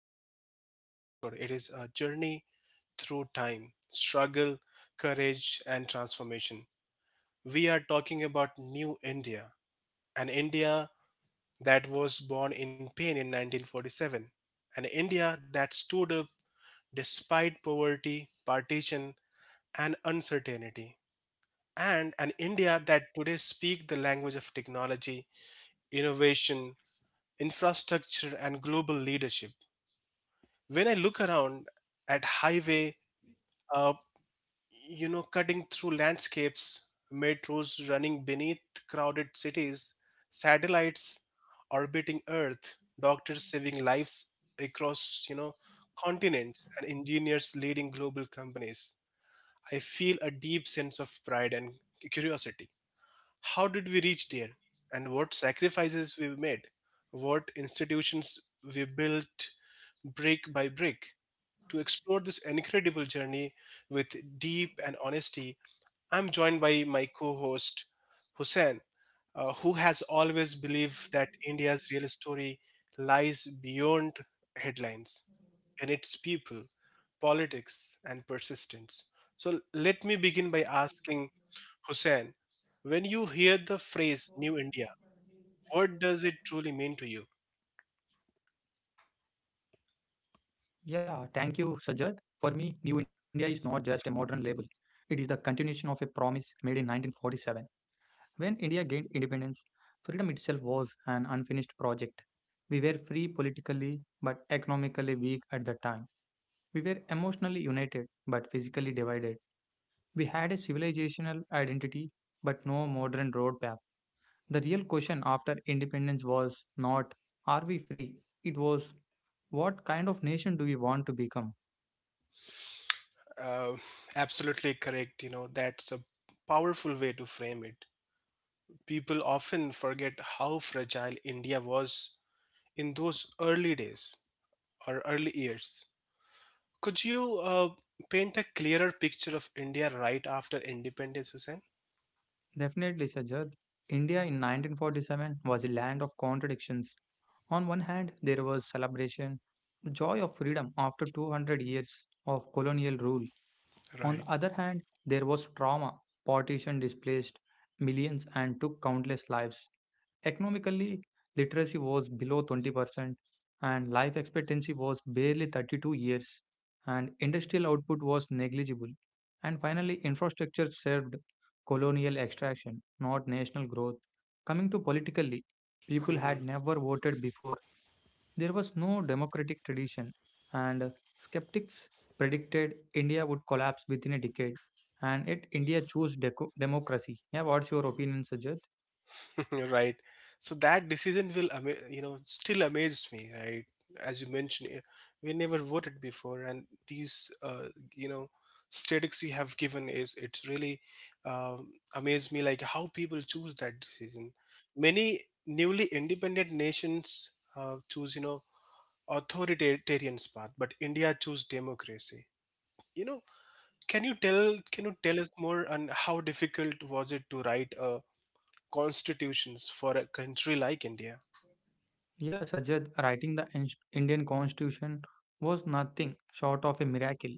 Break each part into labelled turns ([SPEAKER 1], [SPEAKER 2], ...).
[SPEAKER 1] is not just an episode, it is a journey through time, struggle, courage, and transformation. We are talking about New India, an India that was born in pain in 1947, an India that stood up despite poverty, partition, and uncertainty, and an India that today speaks the language of technology, innovation, infrastructure, and global leadership. When I look around at highway, uh, cutting through landscapes, metros running beneath crowded cities, satellites orbiting Earth, doctors saving lives across, continents, and engineers leading global companies, I feel a deep sense of pride and curiosity. How did we reach there? And what sacrifices we made? What institutions we built brick by brick? To explore this incredible journey with deep and honesty, I'm joined by my co host, Hussein, who has always believed that India's real story lies beyond headlines in its people, politics, and persistence. So let me begin by asking Hussein, when you hear the phrase New India, what does it truly mean to you?
[SPEAKER 2] Yeah, thank you, Sajad. For me, New India is not just a modern label. It is the continuation of a promise made in 1947. When India gained independence, freedom itself was an unfinished project. We were free politically but economically weak at the time. We were emotionally united but physically divided. We had a civilizational identity, but no modern road map. The real question after independence was not, are we free? It was, what kind of nation do we want to become?
[SPEAKER 1] Uh, absolutely correct. You know, that's a powerful way to frame it. People often forget how fragile India was in those early days or early years. Could you paint a clearer picture of India right after independence, Hussein?
[SPEAKER 2] Definitely, Sajjad, India in 1947 was a land of contradictions. On one hand, there was celebration, the joy of freedom after 200 years of colonial rule. On the
[SPEAKER 1] Right.
[SPEAKER 2] other hand, there was trauma. Partition displaced millions and took countless lives. Economically, literacy was below 20%, and life expectancy was barely 32 years, and industrial output was negligible. And finally, infrastructure served colonial extraction, not national growth. Coming to politically, people had never voted before. There was no democratic tradition, and skeptics predicted India would collapse within a decade. And yet, India chose democracy. Yeah, what's your opinion, Sajjad?
[SPEAKER 1] You're right. So that decision you know, still amazes me, right? As you mentioned, eh, we never voted before, and these, you know, statistics you have given is it's really amazed me, like how people choose that decision. Many newly independent nations choose, you know, authoritarian path, but India choose democracy. You know, can you tell us more on how difficult was it to write a constitutions for a country like India.
[SPEAKER 2] Yeah, Sajjad, writing the Indian Constitution was nothing short of a miracle.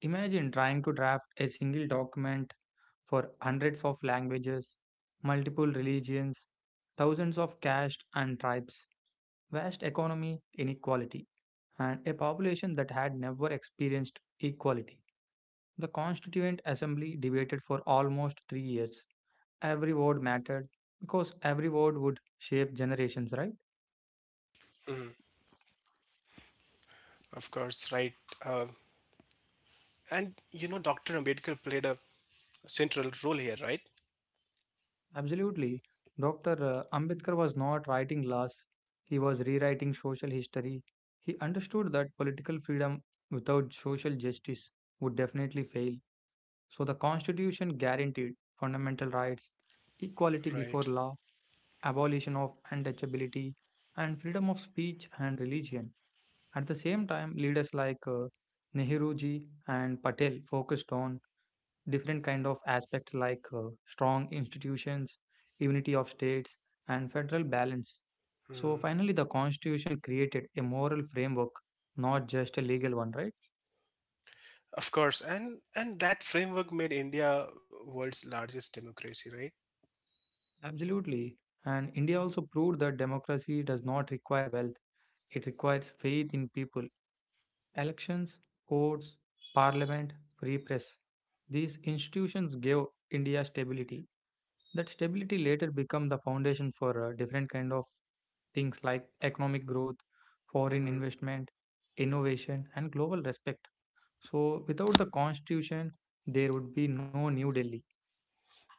[SPEAKER 2] Imagine trying to draft a single document for hundreds of languages, multiple religions, thousands of castes and tribes, vast economy inequality, and a population that had never experienced equality. The Constituent Assembly debated for almost 3 years. Every word mattered because every word would shape generations, right?
[SPEAKER 1] Hmm. Of course, right. Uh, and you know, Dr. Ambedkar played a central role here, right?
[SPEAKER 2] Absolutely. Dr. Ambedkar was not writing laws, he was rewriting social history. He understood that political freedom without social justice would definitely fail. So the Constitution guaranteed fundamental rights, equality before
[SPEAKER 1] Right.
[SPEAKER 2] law, abolition of untouchability, and freedom of speech and religion. At the same time, leaders like Nehruji and Patel focused on different kind of aspects like strong institutions, unity of states, and federal balance. So
[SPEAKER 1] Hmm.
[SPEAKER 2] finally, the Constitution created a moral framework, not just a legal one, right?
[SPEAKER 1] Of course, and that framework made India world's largest democracy, right?
[SPEAKER 2] Absolutely. And India also proved that democracy does not require wealth, it requires faith in people. Elections, courts, parliament, free press, these institutions gave India stability. That stability later become the foundation for different kind of things like economic growth, foreign
[SPEAKER 1] Hmm.
[SPEAKER 2] investment, innovation, and global respect. So, without the constitution, there would be no New Delhi.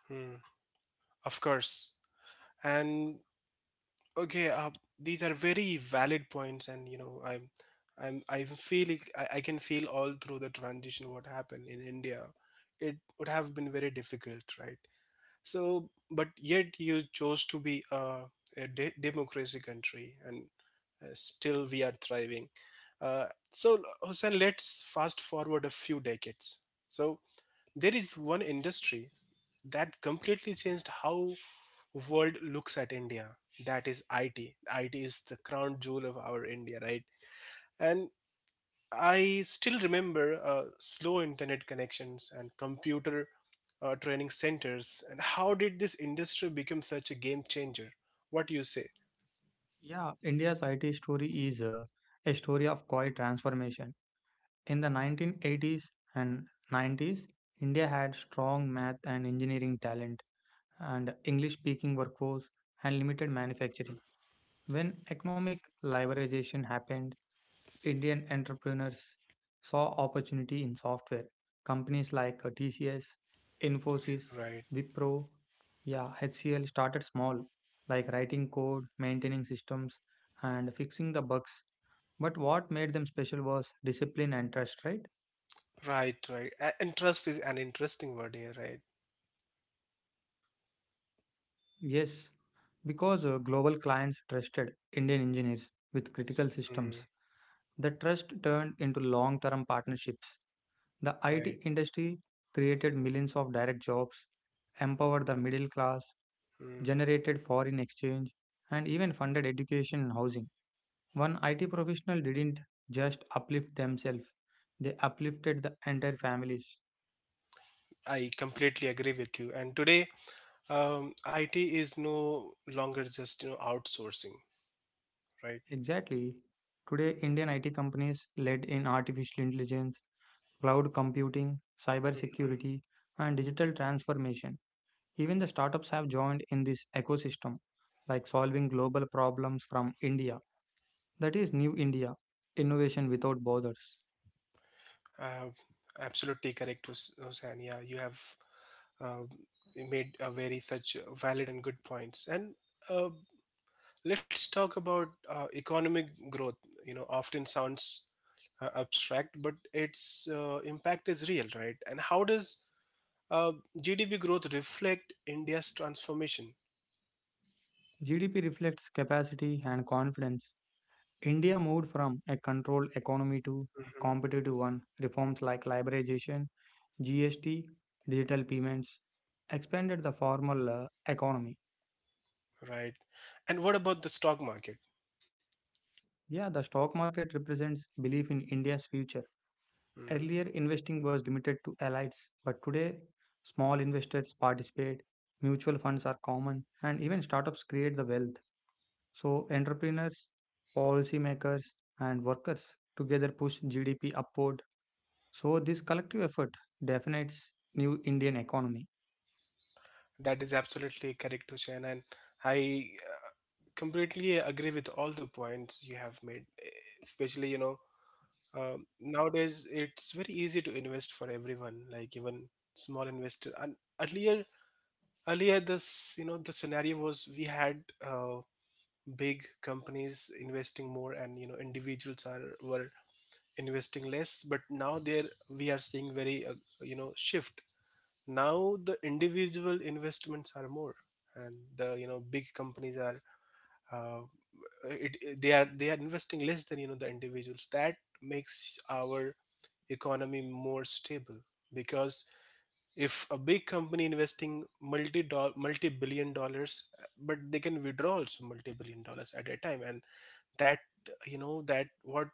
[SPEAKER 1] Hmm. Of course, and okay, these are very valid points, and you know, I'm feeling, I can feel all through the transition what happened in India. It would have been very difficult, right? So, but yet you chose to be a de- democracy country, and still we are thriving. So, Hussein, let's fast forward a few decades. So, there is one industry that completely changed how world looks at India. That is IT. IT is the crown jewel of our India, right? And I still remember slow internet connections and computer training centers. And how did this industry become such a game changer? What do you say?
[SPEAKER 2] Yeah, India's IT story is a story of quiet transformation. In the 1980s and 90s, India had strong math and engineering talent, and English speaking workforce, and limited manufacturing. When economic liberalization happened, Indian entrepreneurs saw opportunity in software. Companies like TCS, Infosys,
[SPEAKER 1] Right,
[SPEAKER 2] Wipro, yeah, HCL started small, like writing code, maintaining systems, and fixing the bugs. But what made them special was discipline and trust, right?
[SPEAKER 1] right. And trust is an interesting word here, right?
[SPEAKER 2] Yes, because global clients trusted Indian engineers with critical
[SPEAKER 1] Mm,
[SPEAKER 2] systems. The trust turned into long term partnerships. The
[SPEAKER 1] right.
[SPEAKER 2] IT industry created millions of direct jobs, empowered the middle class,
[SPEAKER 1] Mm,
[SPEAKER 2] generated foreign exchange, and even funded education and housing. One IT professional didn't just uplift themselves, they uplifted the entire families.
[SPEAKER 1] I completely agree with you. And today, IT is no longer just you know outsourcing, right?
[SPEAKER 2] Exactly. Today, Indian IT companies led in artificial intelligence, cloud computing,
[SPEAKER 1] Mhm.
[SPEAKER 2] cybersecurity, and digital transformation. Even the startups have joined in this ecosystem, like solving global problems from India. That is New India, innovation without borders.
[SPEAKER 1] Uh, absolutely correct, Hussain. Yeah, you have uh, made very such valid and good points. And uh, let's talk about economic growth. You know, often sounds abstract, but its impact is real, right? And how does uh, GDP growth reflect India's transformation?
[SPEAKER 2] GDP reflects capacity and confidence. India moved from a controlled economy to a
[SPEAKER 1] Hmm.
[SPEAKER 2] competitive one. Reforms like liberalization, GST, digital payments, expanded the formal economy.
[SPEAKER 1] Right. And what about the stock market?
[SPEAKER 2] Yeah, the stock market represents belief in India's future.
[SPEAKER 1] Mhm.
[SPEAKER 2] Earlier, investing was limited to elites, but today, small investors participate, mutual funds are common, and even startups create the wealth. So, entrepreneurs, policymakers, and workers together push GDP upward. So, this collective effort defines new Indian economy.
[SPEAKER 1] That is absolutely correct, Hussein. And I completely agree with all the points you have made, especially, you know, um, nowadays, it's very easy to invest for everyone, like even small investor. And earlier this you know the scenario was we had big companies investing more, and you know individuals are were investing less. But now there we are seeing very you know shift. Now the individual investments are more, and the you know big companies are uh, they are investing less than you know the individuals. That makes our economy more stable because if a big company investing multi billion dollars but they can withdraw also multi billion dollars at a time and that you know that what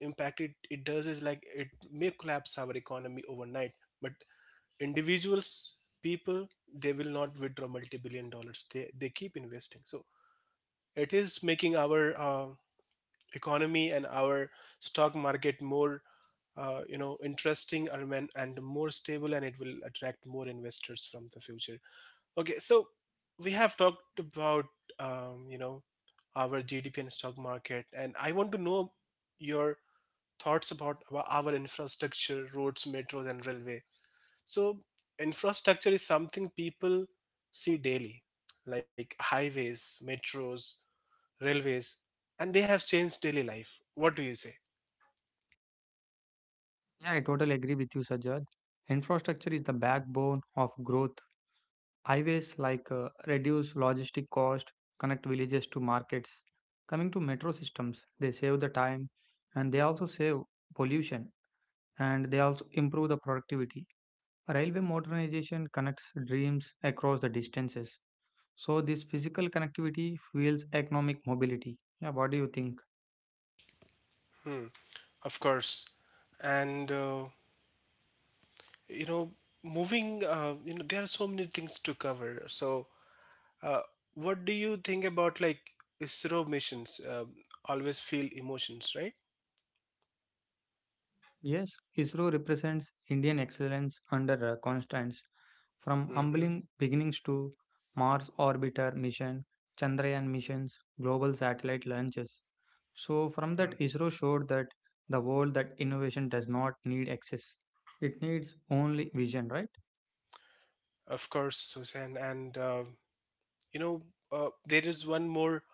[SPEAKER 1] impact it does is like it may collapse our economy overnight but individuals people they will not withdraw multi billion dollars they keep investing so it is making our economy and our stock market more you know interesting and more stable and it will attract more investors from the future. Okay, so we have talked about you know our GDP and stock market and I want to know your thoughts about our infrastructure, roads, metros, and railway. So infrastructure is something people see daily like highways, metros, railways, and they have changed daily life. What do you say?
[SPEAKER 2] Yeah, I totally agree with you, Sajjad. Infrastructure is the backbone of growth. Highways like reduce logistic cost, connect villages to markets. Coming to metro systems, they save the time and they also save pollution and they also improve the productivity. Railway modernization connects dreams across the distances. So this physical connectivity fuels economic mobility. Yeah, what do you think?
[SPEAKER 1] Hmm. Of course, and you know you know there are so many things to cover, so uh, what do you think about like ISRO missions? Um, always feel emotions, right?
[SPEAKER 2] Yes, ISRO represents Indian excellence under constraints. From
[SPEAKER 1] Mm-hmm.
[SPEAKER 2] humbling beginnings to Mars orbiter mission, Chandrayaan missions, global satellite launches. So, from that, ISRO showed that the world that innovation does not need access, it needs only vision, right?
[SPEAKER 1] Of course, Suzanne, and you know there is one more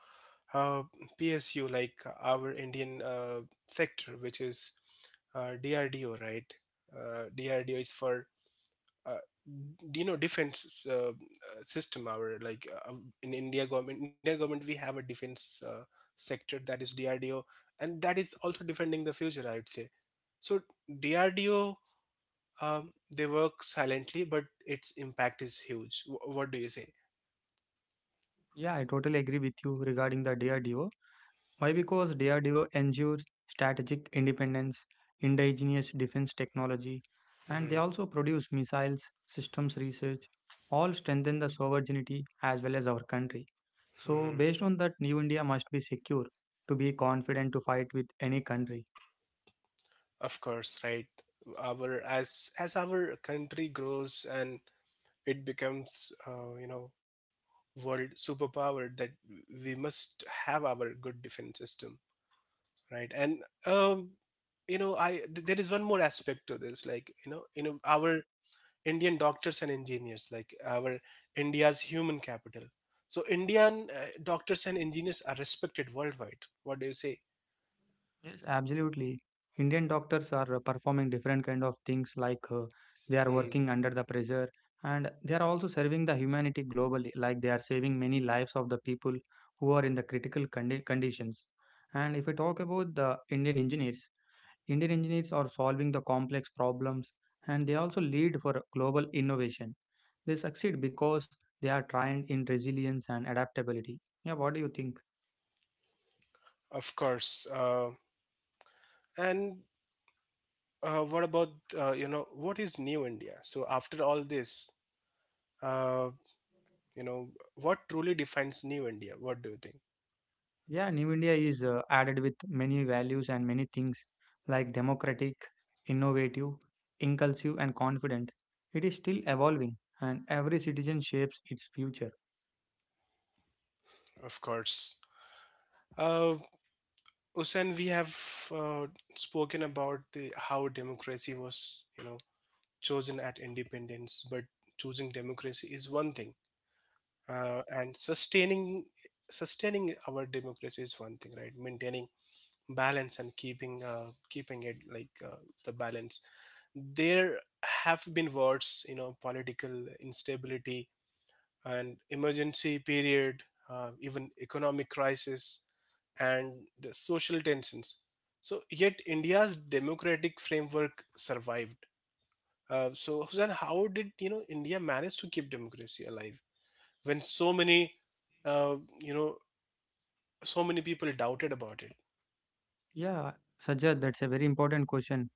[SPEAKER 1] uh, PSU like our Indian sector which is DRDO, right? DRDO is for uh, defense system, our like in india government, Indian government, we have a defense sector, that is DRDO, and that is also defending the future, I would say. So DRDO, they work silently but its impact is huge. What do you say?
[SPEAKER 2] Yeah, I totally agree with you regarding the DRDO. Why? Because DRDO ensures strategic independence, indigenous defense technology, and they
[SPEAKER 1] Hmm.
[SPEAKER 2] also produce missiles, systems research, all strengthen the sovereignty as well as our country. So,
[SPEAKER 1] Hmm.
[SPEAKER 2] based on that, New India must be secure to be confident to fight with any country.
[SPEAKER 1] Of course, right, our as our country grows and it becomes you know world superpower that we must have our good defense system, right? And um, you know there is one more aspect to this, like you know our Indian doctors and engineers, like our India's human capital. So Indian doctors and engineers are respected worldwide. What do you say?
[SPEAKER 2] Yes, absolutely. Indian doctors are performing different kind of things like they are
[SPEAKER 1] Hmm,
[SPEAKER 2] working under the pressure and they are also serving the humanity globally, like they are saving many lives of the people who are in the critical condi- conditions. And if we talk about the Indian engineers are solving the complex problems and they also lead for global innovation. They succeed because they are trained in resilience and adaptability. Yeah, what do you think?
[SPEAKER 1] of course and what about what is new India? So after all this, uh, you know what truly defines new India? What do you think?
[SPEAKER 2] Yeah, New India is added with many values and many things like democratic, innovative, inclusive, and confident. It is still evolving, and every citizen shapes its future.
[SPEAKER 1] Of course. Uh, Usain, we have uh, spoken about the how democracy was, you know, chosen at independence, but choosing democracy is one thing, and sustaining our democracy is one thing, right? Maintaining balance and keeping it like the balance. There have been wars, you know, political instability and emergency period, even economic crisis and the social tensions. So, yet India's democratic framework survived. So, then how did you know India manage to keep democracy alive when so many, uh, you know, so many people doubted about it?
[SPEAKER 2] Yeah, Sajjad, that's a very important question,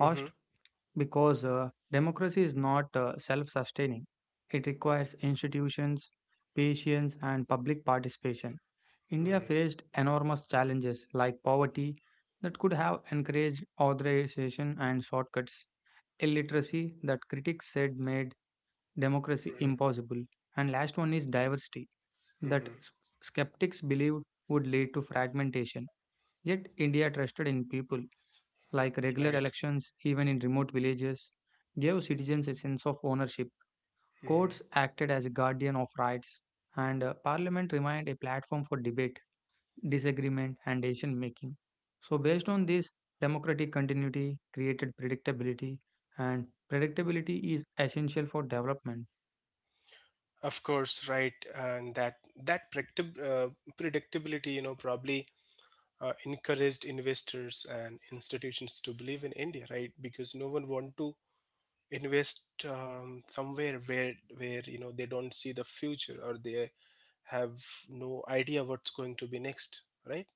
[SPEAKER 1] Hmm.
[SPEAKER 2] because democracy is not self sustaining. It requires institutions, patience, and public participation. India
[SPEAKER 1] Hmm.
[SPEAKER 2] faced enormous challenges like poverty that could have encouraged authorization and shortcuts, illiteracy that critics said made democracy
[SPEAKER 1] Hmm.
[SPEAKER 2] impossible, and last one is diversity that
[SPEAKER 1] Hmm.
[SPEAKER 2] skeptics believed would lead to fragmentation. Yet India trusted in people, like regular
[SPEAKER 1] Right.
[SPEAKER 2] elections, even in remote villages, gave citizens a sense of ownership. Courts
[SPEAKER 1] Hmm.
[SPEAKER 2] acted as a guardian of rights, and parliament remained a platform for debate, disagreement, and decision making. So, based on this, democratic continuity created predictability, and predictability is essential for development.
[SPEAKER 1] Of course, right, and that predictability, you know, probably encouraged investors and institutions to believe in India, right? Because no one want to invest somewhere where you know they don't see the future or they have no idea what's going to be next, right?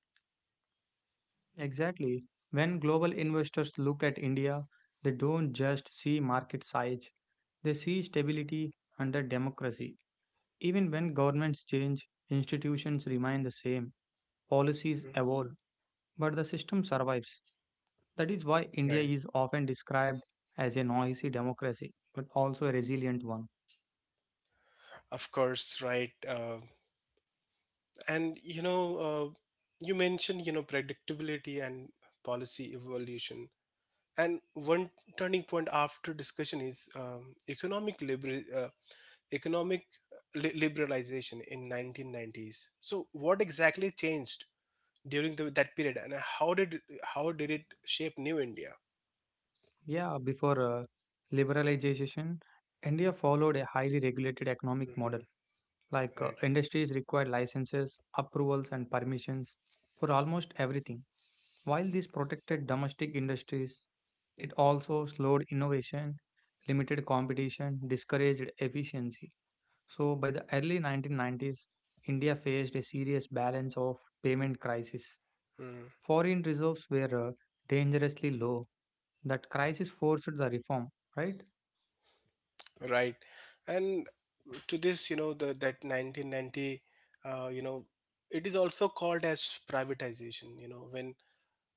[SPEAKER 2] Exactly. When global investors look at India, they don't just see market size, they see stability under democracy. Even when governments change, institutions remain the same, policies
[SPEAKER 1] Mm.
[SPEAKER 2] evolve, but the system survives. That is why India
[SPEAKER 1] Right.
[SPEAKER 2] is often described as a noisy democracy, but also a resilient one.
[SPEAKER 1] Of course, right. And you know uh, you mentioned you know predictability and policy evolution, and one turning point after discussion is economic liberalization in 1990s. So what exactly changed during that period and how did it shape new India?
[SPEAKER 2] Yeah, before liberalization, India followed a highly regulated economic model.
[SPEAKER 1] Hmm.
[SPEAKER 2] Like
[SPEAKER 1] Right.
[SPEAKER 2] industries required licenses, approvals, and permissions for almost everything. While this protected domestic industries, it also slowed innovation, limited competition, discouraged efficiency. So, by the early 1990s, India faced a serious balance of payment crisis.
[SPEAKER 1] Mm,
[SPEAKER 2] Foreign reserves were dangerously low. That crisis forced the reform, right?
[SPEAKER 1] right. And to this, you know, the that 1990, uh, you know, it is also called as privatization. You know, when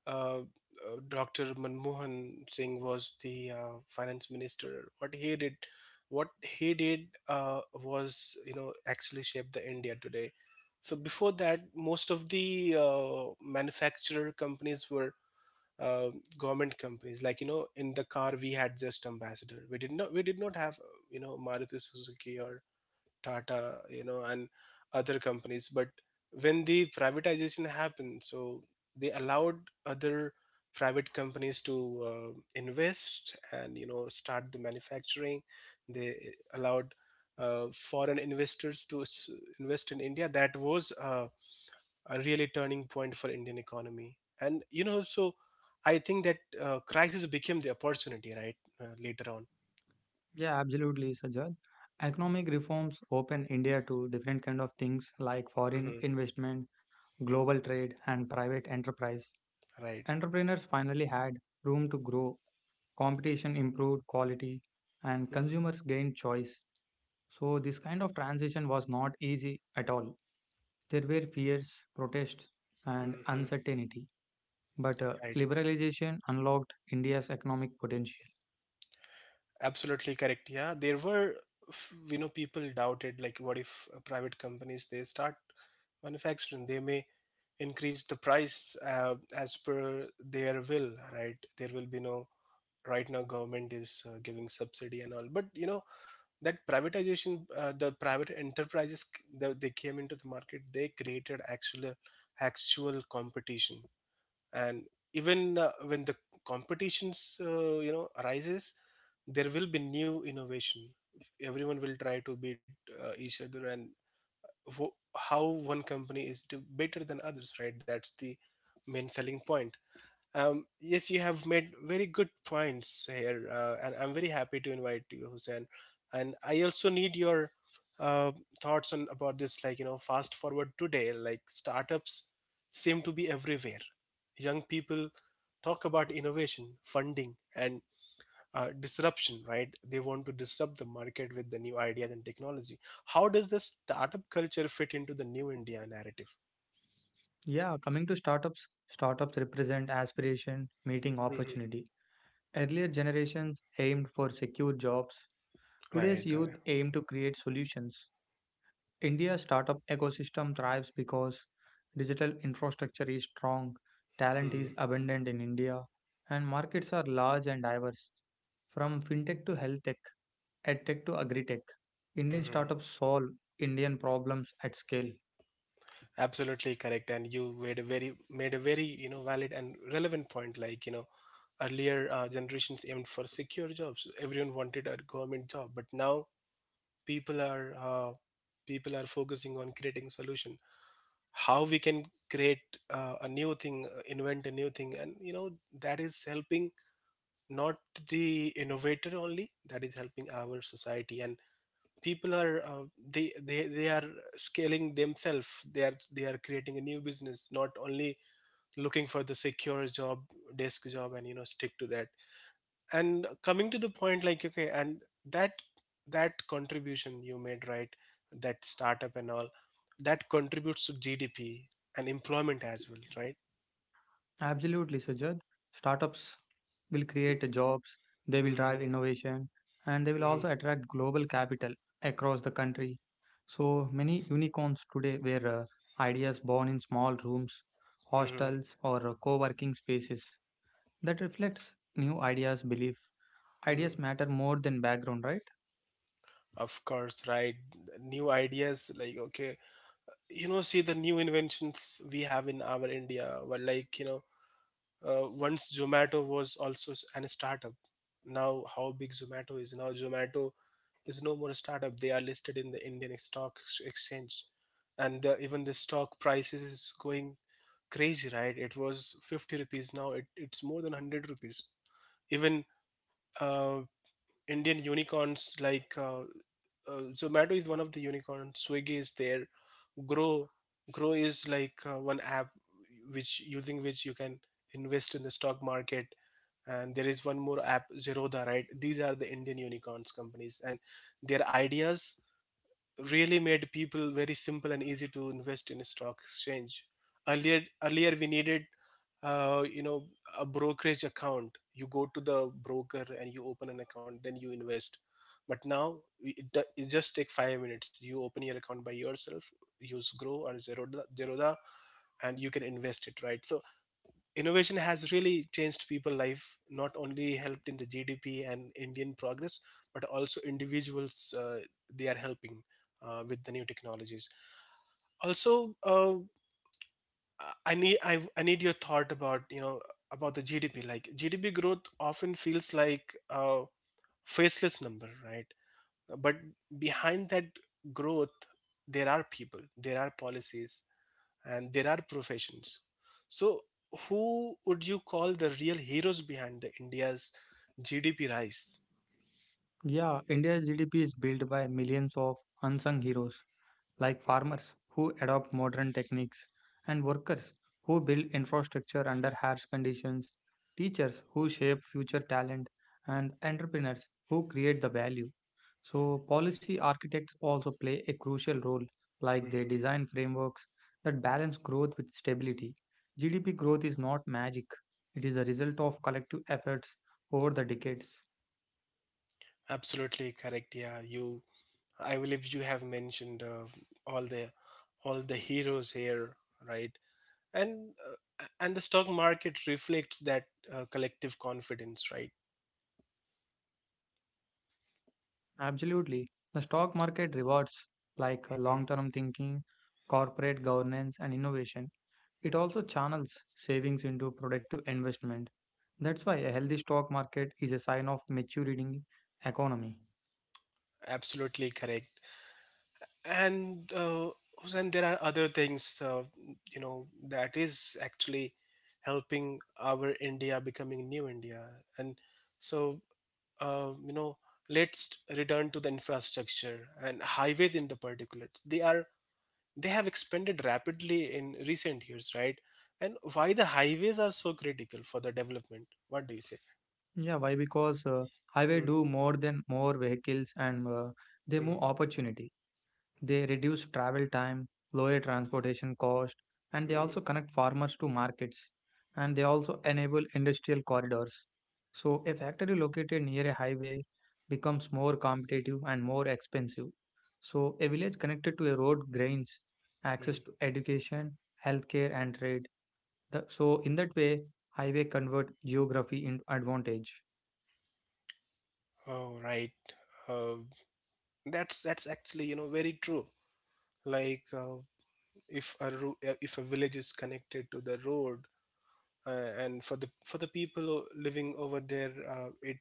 [SPEAKER 1] uh, Dr. Manmohan Singh was the finance minister, what he did was, you know, actually shaped the India today. So before that, most of the manufacturer companies were uh, government companies, like you know in the car we had just ambassador, we did not have maruti suzuki or tata, you know, and other companies. But when the privatization happened, so they allowed other private companies to invest and you know start the manufacturing. They allowed foreign investors to invest in india. That was a really turning point for Indian economy. And you know, so I think that crisis became the opportunity, right? Later on,
[SPEAKER 2] Yeah, absolutely, Sajjad. Economic reforms open India to different kind of things like foreign
[SPEAKER 1] hmm,
[SPEAKER 2] investment, global trade, and private enterprise.
[SPEAKER 1] right?
[SPEAKER 2] Entrepreneurs finally had room to grow, competition improved quality, and consumers gained choice. So this kind of transition was not easy at all. There were fears, protests, and
[SPEAKER 1] Mm-hmm.
[SPEAKER 2] uncertainty. But
[SPEAKER 1] Right.
[SPEAKER 2] liberalization unlocked India's economic potential.
[SPEAKER 1] Absolutely correct. Yeah, you know, people doubted like, what if private companies they start manufacturing, they may increase the price as per their will, right? There will be no. Right now, government is giving subsidy and all, but you know, that privatization, the private enterprises, they came into the market, they created actual competition, and even when the competitions you know arises, there will be new innovation, everyone will try to beat each other, and wh- how one company is to better than others, right? That's the main selling point. Um, yes, you have made very good points here, and I'm very happy to invite you, Hussein. And I also need your uh, thoughts on about this. Like you know, fast forward today, like startups seem to be everywhere. Young people talk about innovation, funding, and disruption. Right? They want to disrupt the market with the new ideas and technology. How does the startup culture fit into the new India narrative?
[SPEAKER 2] Yeah, coming to startups, startups represent aspiration meeting
[SPEAKER 1] Hmm.
[SPEAKER 2] opportunity. Earlier generations aimed for secure jobs. Today's
[SPEAKER 1] Right.
[SPEAKER 2] youth aim to create solutions. India's startup ecosystem thrives because digital infrastructure is strong, talent
[SPEAKER 1] Hmm.
[SPEAKER 2] is abundant in India, and markets are large and diverse. From fintech to health tech, edtech to agri tech, Indian
[SPEAKER 1] Mhm.
[SPEAKER 2] startups solve Indian problems at scale.
[SPEAKER 1] Absolutely correct, and you made a very valid and relevant point. Like earlier generations aimed for secure jobs. Everyone wanted a government job, but now people are uh, people are focusing on creating solution. How we can create a new thing, invent a new thing, and that is helping not the innovator only. That is helping our society, and people are they are scaling themselves. They are, they are creating a new business, not only looking for the secure job, desk job, and stick to that. And coming to the point, like okay, and that contribution you made, right? That startup and all, that contributes to GDP and employment as well, right?
[SPEAKER 2] Absolutely, Sajad. Startups will create jobs, they will
[SPEAKER 1] Hmm.
[SPEAKER 2] drive innovation, and they will
[SPEAKER 1] Hmm.
[SPEAKER 2] also attract global capital across the country. So many unicorns today were ideas born in small rooms,
[SPEAKER 1] Hmm.
[SPEAKER 2] hostels, or co-working spaces. That reflects new ideas, belief. Ideas
[SPEAKER 1] Hmm.
[SPEAKER 2] matter more than background, right?
[SPEAKER 1] Of course, right? New ideas, like okay, see the new inventions we have in our india. Well, like once zomato was also an startup. Now how big zomato is. Now zomato is no more a startup. They are listed in the indian stock exchange, and even the stock prices is going crazy, right? It was 50 rupees. Now it's more than 100 rupees. Even uh, Indian unicorns, like Zomato is one of the unicorns. Swiggy is there. Grow, Grow is like one app which, using which you can invest in the stock market. And there is one more app, Zerodha, right? These are the Indian unicorns companies, and their ideas really made people very simple and easy to invest in a stock exchange. Earlier we needed, uh, you know, a brokerage account. You go to the broker and you open an account, then you invest. But now it just take 5 minutes. You open your account by yourself, use Grow or Zerodha, and you can invest it, right? So innovation has really changed people's life, not only helped in the GDP and indian progress, but also individuals. They are helping with the new technologies. Also, I need your thought about about the GDP. Like GDP growth often feels like a faceless number, right? But behind that growth there are people, there are policies, and there are professions. So, who would you call the real heroes behind the India's GDP rise?
[SPEAKER 2] Yeah, India's GDP is built by millions of unsung heroes like
[SPEAKER 1] Mhm.
[SPEAKER 2] farmers who adopt modern techniques and workers who build infrastructure under harsh conditions, teachers who shape future talent, and entrepreneurs who create the value. So, policy architects also play a crucial role, like they design frameworks that balance growth with stability. GDP growth is not magic, it is a result of collective efforts over the decades.
[SPEAKER 1] Absolutely correct. Yeah, you. I believe you have mentioned all the all the heroes here, right? And and the stock market reflects that collective confidence, right?
[SPEAKER 2] Absolutely. The stock market rewards like
[SPEAKER 1] Mhm.
[SPEAKER 2] long-term thinking, corporate governance, and innovation. It also channels savings into productive investment. That's why a healthy stock market is a sign of maturing economy.
[SPEAKER 1] Absolutely correct. and uh, and there are other things, that is actually helping our india becoming new india. And so, uh, you know let's return to the infrastructure and highways. In the particular, they have expanded rapidly in recent years, right? And why the highways are so critical for the development? What do you say?
[SPEAKER 2] Yeah, why? Because highway
[SPEAKER 1] Hmm.
[SPEAKER 2] do more than more vehicles and they
[SPEAKER 1] Hmm.
[SPEAKER 2] move opportunity. They reduce travel time, lower transportation cost, and they
[SPEAKER 1] Hmm.
[SPEAKER 2] also connect farmers to markets and they also enable industrial corridors. So a factory located near a highway becomes more competitive and more expensive. So a village connected to a road gains access
[SPEAKER 1] Hmm.
[SPEAKER 2] to education, healthcare and trade. So in that way highway convert geography into advantage.
[SPEAKER 1] Oh, right. uh, that's actually, very true. Like if a if a village is connected to the road, and for the, for the people living over there, it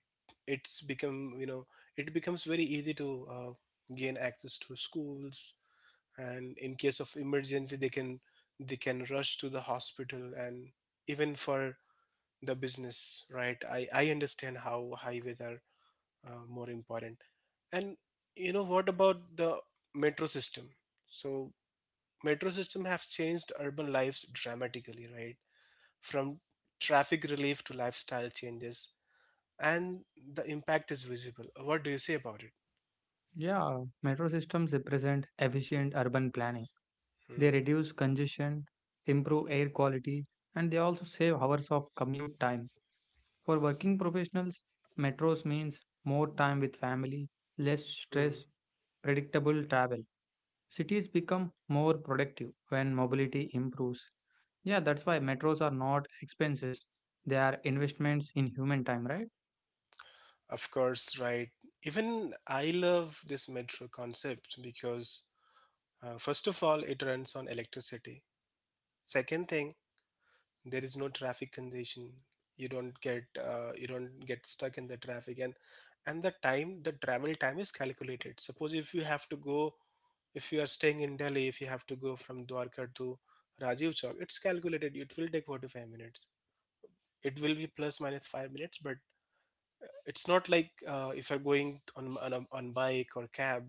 [SPEAKER 1] it's become, it becomes very easy to gain access to schools, and in case of emergency they can, they can rush to the hospital, and even for the business, right? I understand how highways are more important. And what about the metro system? So metro system have changed urban lives dramatically, right? From traffic relief to lifestyle changes, and the impact is visible. What do you say about it?
[SPEAKER 2] Yeah, metro systems represent efficient urban planning.
[SPEAKER 1] Hmm.
[SPEAKER 2] They reduce congestion, improve air quality, and they also save hours of commute time. For working professionals, metros means more time with family, less
[SPEAKER 1] Hmm.
[SPEAKER 2] stress, predictable travel. Cities become more productive when mobility improves. Yeah, that's why metros are not expenses. They are investments in human time, right?
[SPEAKER 1] Of course, right? Even I love this metro concept because, first of all, it runs on electricity. Second thing, there is no traffic congestion. You don't get you don't get stuck in the traffic, and the time, the travel time is calculated. Suppose if you have to go, if you are staying in delhi, if you have to go from dwarka to rajiv chowk, it's calculated it will take 45 minutes. It will be plus minus 5 minutes. But it's not like, if you're going on on bike or cab,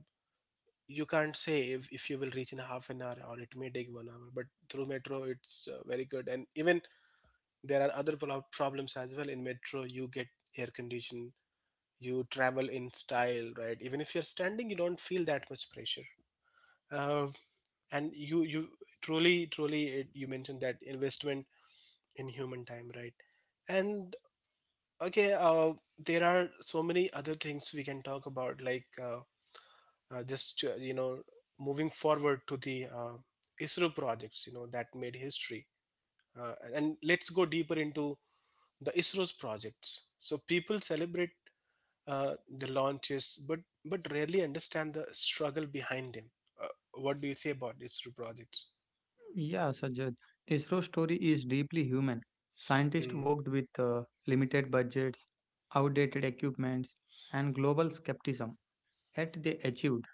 [SPEAKER 1] you can't say if you will reach in half an hour or it may take one hour. But through metro it's very good. And even there are other problems as well. In metro, you get air condition, you travel in style, right? Even if you're standing, you don't feel that much pressure. Uh, and you truly, it, you mentioned that investment in human time, right? And okay, there are so many other things we can talk about, like uh, just uh, you know, moving forward to the ISRO projects, that made history. And let's go deeper into the ISRO's projects. So people celebrate the launches, but rarely understand the struggle behind them. Uh, what do you say about ISRO projects?
[SPEAKER 2] Yeah, Sajjad. ISRO's story is deeply human. Scientists
[SPEAKER 1] Mm.
[SPEAKER 2] worked with limited budgets, outdated equipments, and global skepticism. Yet they achieved.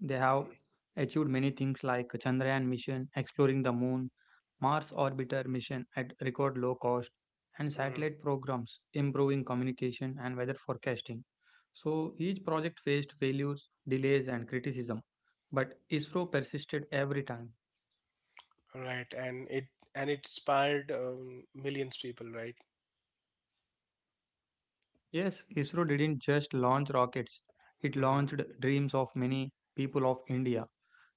[SPEAKER 2] They have achieved many things like Chandrayaan mission, exploring the moon, Mars orbiter mission at record low cost, and
[SPEAKER 1] Mm. Mm.
[SPEAKER 2] satellite programs improving communication and weather forecasting. So each project faced failures, delays, and criticism, but ISRO persisted every time.
[SPEAKER 1] Right, and it, and it inspired millions people, right?
[SPEAKER 2] Yes, ISRO didn't just launch rockets, it
[SPEAKER 1] Hmm.
[SPEAKER 2] launched dreams of many people of India.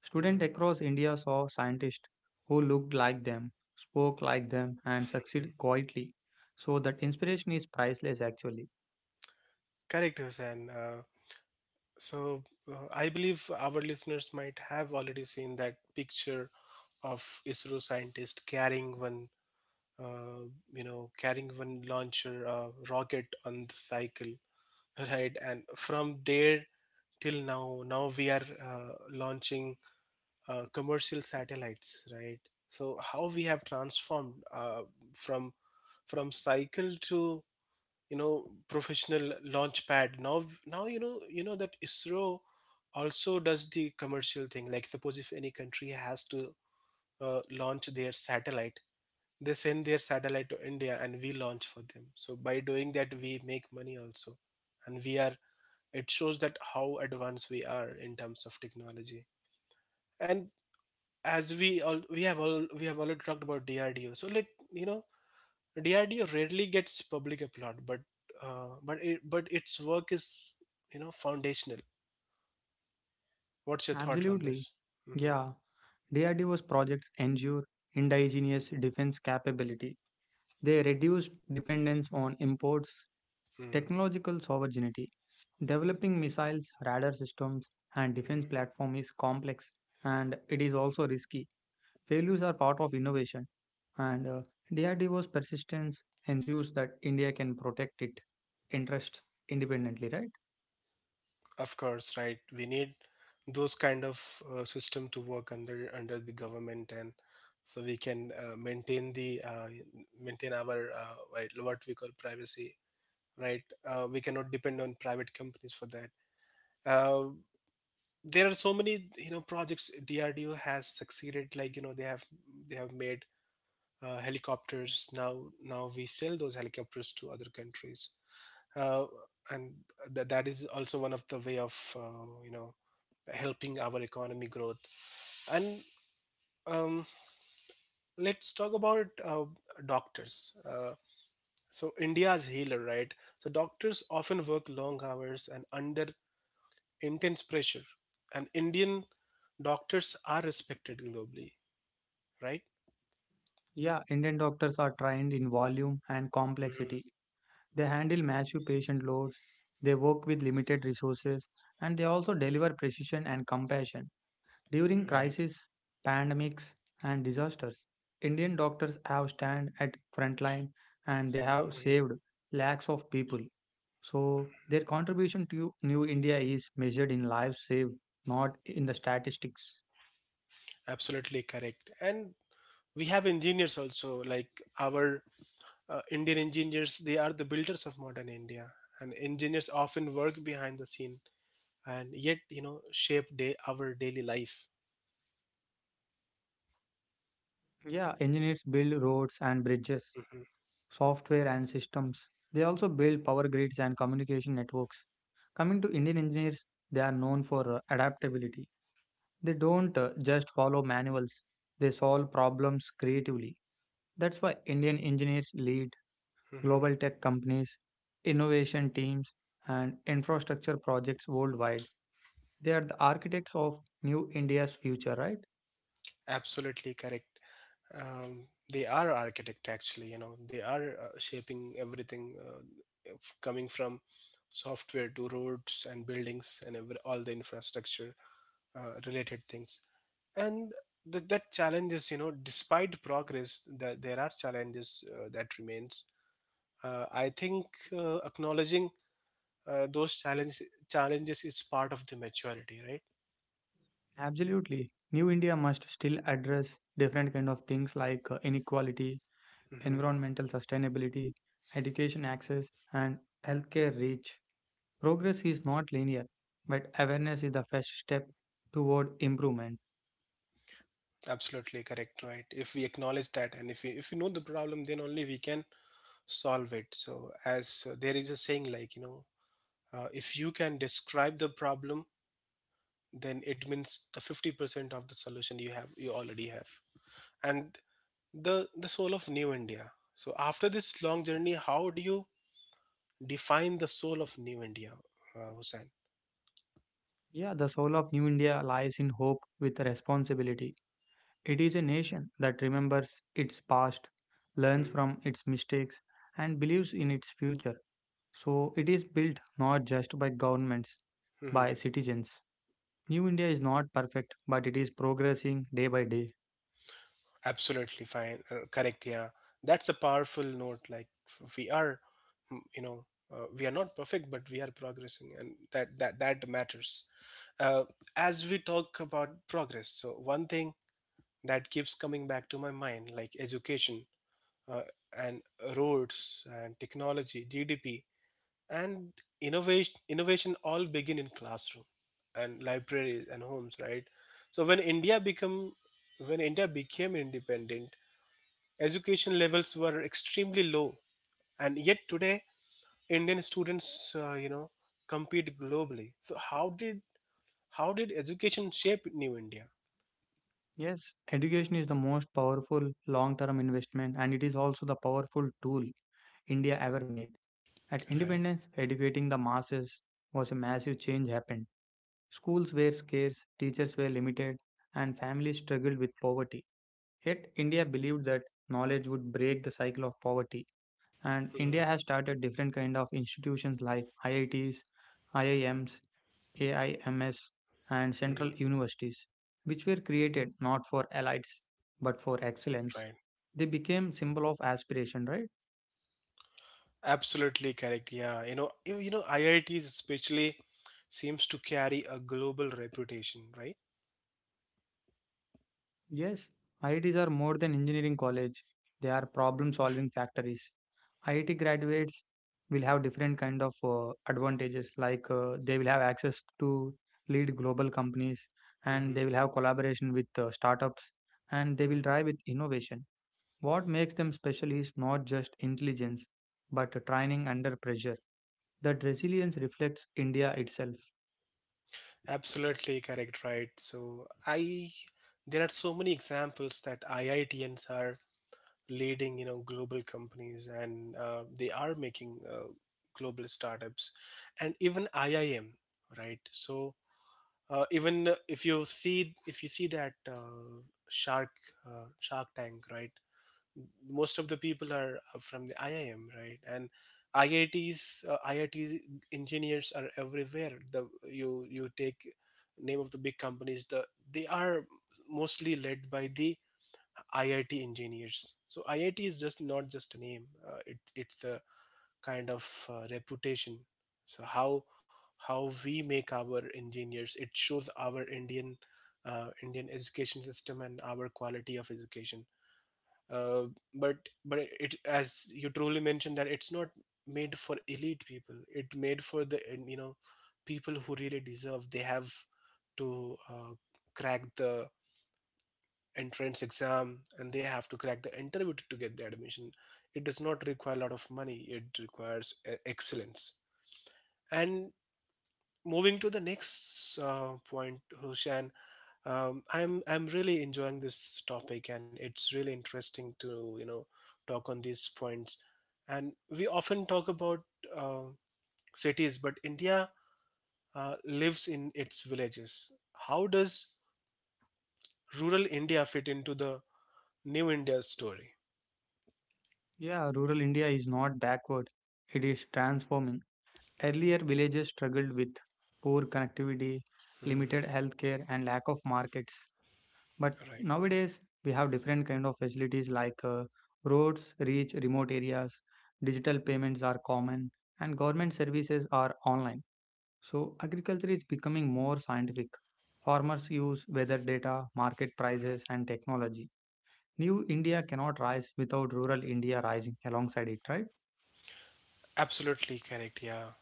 [SPEAKER 2] Students
[SPEAKER 1] Mm.
[SPEAKER 2] across India saw scientists who looked like them, spoke like them, and succeeded quietly. So that inspiration is priceless actually.
[SPEAKER 1] Correct, Hussein. So I believe our listeners might have already seen that picture of ISRO scientist carrying one uh, carrying one launcher rocket on the cycle right? And from there till now, now we are launching commercial satellites, right? So how we have transformed from from cycle to, professional launch pad. Now, now you know, you know that isro also does the commercial thing, like suppose if any country has to launch their satellite, they send their satellite to India and we launch for them. So by doing that, we make money also, and we are. It shows that how advanced we are in terms of technology. And, as we all, we have already talked about DRDO. So let you know DRDO rarely gets public applaud, but but its work is, foundational. What's your thought on
[SPEAKER 2] Absolutely.
[SPEAKER 1] this? Mm-hmm.
[SPEAKER 2] Yeah, DRDO's projects ensure indigenous defense capability. They reduced dependence on imports,
[SPEAKER 1] Mm-hmm.
[SPEAKER 2] technological sovereignty. Developing missiles, radar systems, and defense platform is complex and it is also risky. Failures are part of innovation, and DRDO's persistence ensures that India can protect its interests independently, right?
[SPEAKER 1] Of course, right. We need those kind of system to work under, under the government, and so we can maintain our what we call privacy. Right. We cannot depend on private companies for that. Uh, there are so many, projects DRDO has succeeded. Like they have, they have made helicopters. Now we sell those helicopters to other countries. Uh, and that is also one of the way of, helping our economy growth. And um, let's talk about doctors. So India's healer, right? So doctors often work long hours and under intense pressure. And Indian doctors are respected globally, right?
[SPEAKER 2] Yeah, Indian doctors are trained in volume and
[SPEAKER 1] Mhm.
[SPEAKER 2] complexity. They handle massive patient loads, they work with limited resources, and they also deliver precision and compassion. During
[SPEAKER 1] Right.
[SPEAKER 2] crises, pandemics, and disasters, Indian doctors have stand at front line and they have
[SPEAKER 1] Mhm.
[SPEAKER 2] saved lakhs of people. So their contribution to New India is measured in lives saved, not in the statistics.
[SPEAKER 1] Absolutely correct. And we have engineers also, like our Indian engineers. They are the builders of modern India. And engineers often work behind the scene, and yet, shape day our daily life.
[SPEAKER 2] Yeah, engineers build roads and bridges,
[SPEAKER 1] Hmm.
[SPEAKER 2] software and systems. They also build power grids and communication networks. Coming to Indian engineers, they are known for adaptability. They don't just follow manuals, they solve problems creatively. That's why Indian engineers lead
[SPEAKER 1] Hmm.
[SPEAKER 2] global tech companies, innovation teams, and infrastructure projects worldwide. They are the architects of New India's future, right?
[SPEAKER 1] Absolutely correct. um, they are architect. Actually, they are shaping everything, coming from software to roads and buildings and all the infrastructure related things. And that challenges, despite progress that there are challenges that remains. I think acknowledging uh, those challenge, challenges is part of the maturity,
[SPEAKER 2] Absolutely. New India must still address different kind of things like inequality,
[SPEAKER 1] right?
[SPEAKER 2] environmental sustainability, education access, and healthcare reach. Progress is not linear, but awareness is the first step toward improvement.
[SPEAKER 1] Absolutely correct, right? If we acknowledge that, and if we, if we know the problem, then only we can solve it. So as there is a saying, like, if you can describe the problem, then it means the 50% of the solution you already have. And the soul of New India. So after this long journey, how do you define the soul of New India, Hussein?
[SPEAKER 2] Yeah, the soul of New India lies in hope with responsibility. It is a nation that remembers its past, learns from its mistakes, and believes in its future. So it is built not just by governments,
[SPEAKER 1] Mm-hmm.
[SPEAKER 2] by citizens. New India is not perfect, but it is progressing day by day.
[SPEAKER 1] Absolutely fine. Correct. Yeah. That's a powerful note. Like, we are, mm, we are not perfect, but we are progressing, and that that matters. Uh, as we talk about progress, so one thing that keeps coming back to my mind, like education, uh, and roads, and technology, GDP, and innovation. Innovation all begin in classroom, and libraries and homes, right? So when India become when India became independent, education levels were extremely low, and yet today indian students, compete globally. So how did, how did education shape new india,
[SPEAKER 2] Yes, education is the most powerful long term investment and it is also the powerful tool India ever made. At
[SPEAKER 1] right?
[SPEAKER 2] independence, educating the masses was a massive change happened. Schools were scarce, teachers were limited, and families struggled with poverty. Yet, India believed that knowledge would break the cycle of poverty. And India
[SPEAKER 1] Mhm.
[SPEAKER 2] has started different kind of institutions like IITs, IIMs, AIMS, and
[SPEAKER 1] Mhm.
[SPEAKER 2] central universities, which were created not for elites but for excellence.
[SPEAKER 1] Right,
[SPEAKER 2] They became symbol of aspiration, right?
[SPEAKER 1] absolutely correct. Yeah, you know iits especially seems to carry a global reputation, right?
[SPEAKER 2] Yes, IITs are more than engineering college. They are problem-solving factories. IIT graduates will have different kind of advantages, like they will have access to lead global companies, and
[SPEAKER 1] Hmm.
[SPEAKER 2] they will have collaboration with startups, and they will drive with innovation. What makes them special is not just intelligence, but training under pressure. That resilience reflects India itself.
[SPEAKER 1] Absolutely correct, right? So I there are so many examples that IITNs are leading, you know, global companies, and they are making global startups, and even IIM, right? So even if you see that shark shark tank, right? Most of the people are from the IIM, right? And IITs engineers are everywhere. The you take name of the big companies, they are mostly led by the IIT engineers. So IIT is just not just a name; it's a kind of reputation. So how we make our engineers, it shows our Indian education system and our quality of education. Uh, but it, as you truly mentioned, that it's not made for elite people. It made for the, you know, people who really deserve. They have to crack the entrance exam, and they have to crack the interview to get the admission. It does not require a lot of money; it requires excellence. And moving to the next point, Hushan, I'm really enjoying this topic, and it's really interesting to, you know, talk on these points. And we often talk about uh, cities, but India uh, lives in its villages. How does rural India fit into the new India story?
[SPEAKER 2] Yeah, rural India is not backward, it is transforming. Earlier, villages struggled with poor connectivity,
[SPEAKER 1] Mhm.
[SPEAKER 2] limited healthcare, and lack of markets. But
[SPEAKER 1] Right.
[SPEAKER 2] nowadays, we have different kind of facilities like roads reach remote areas, digital payments are common, and government services are online. So, agriculture is becoming more scientific. Farmers use weather data, market prices,
[SPEAKER 1] Mm-hmm.
[SPEAKER 2] and technology. New India cannot rise without rural India rising alongside it, right?
[SPEAKER 1] Absolutely correct, yeah.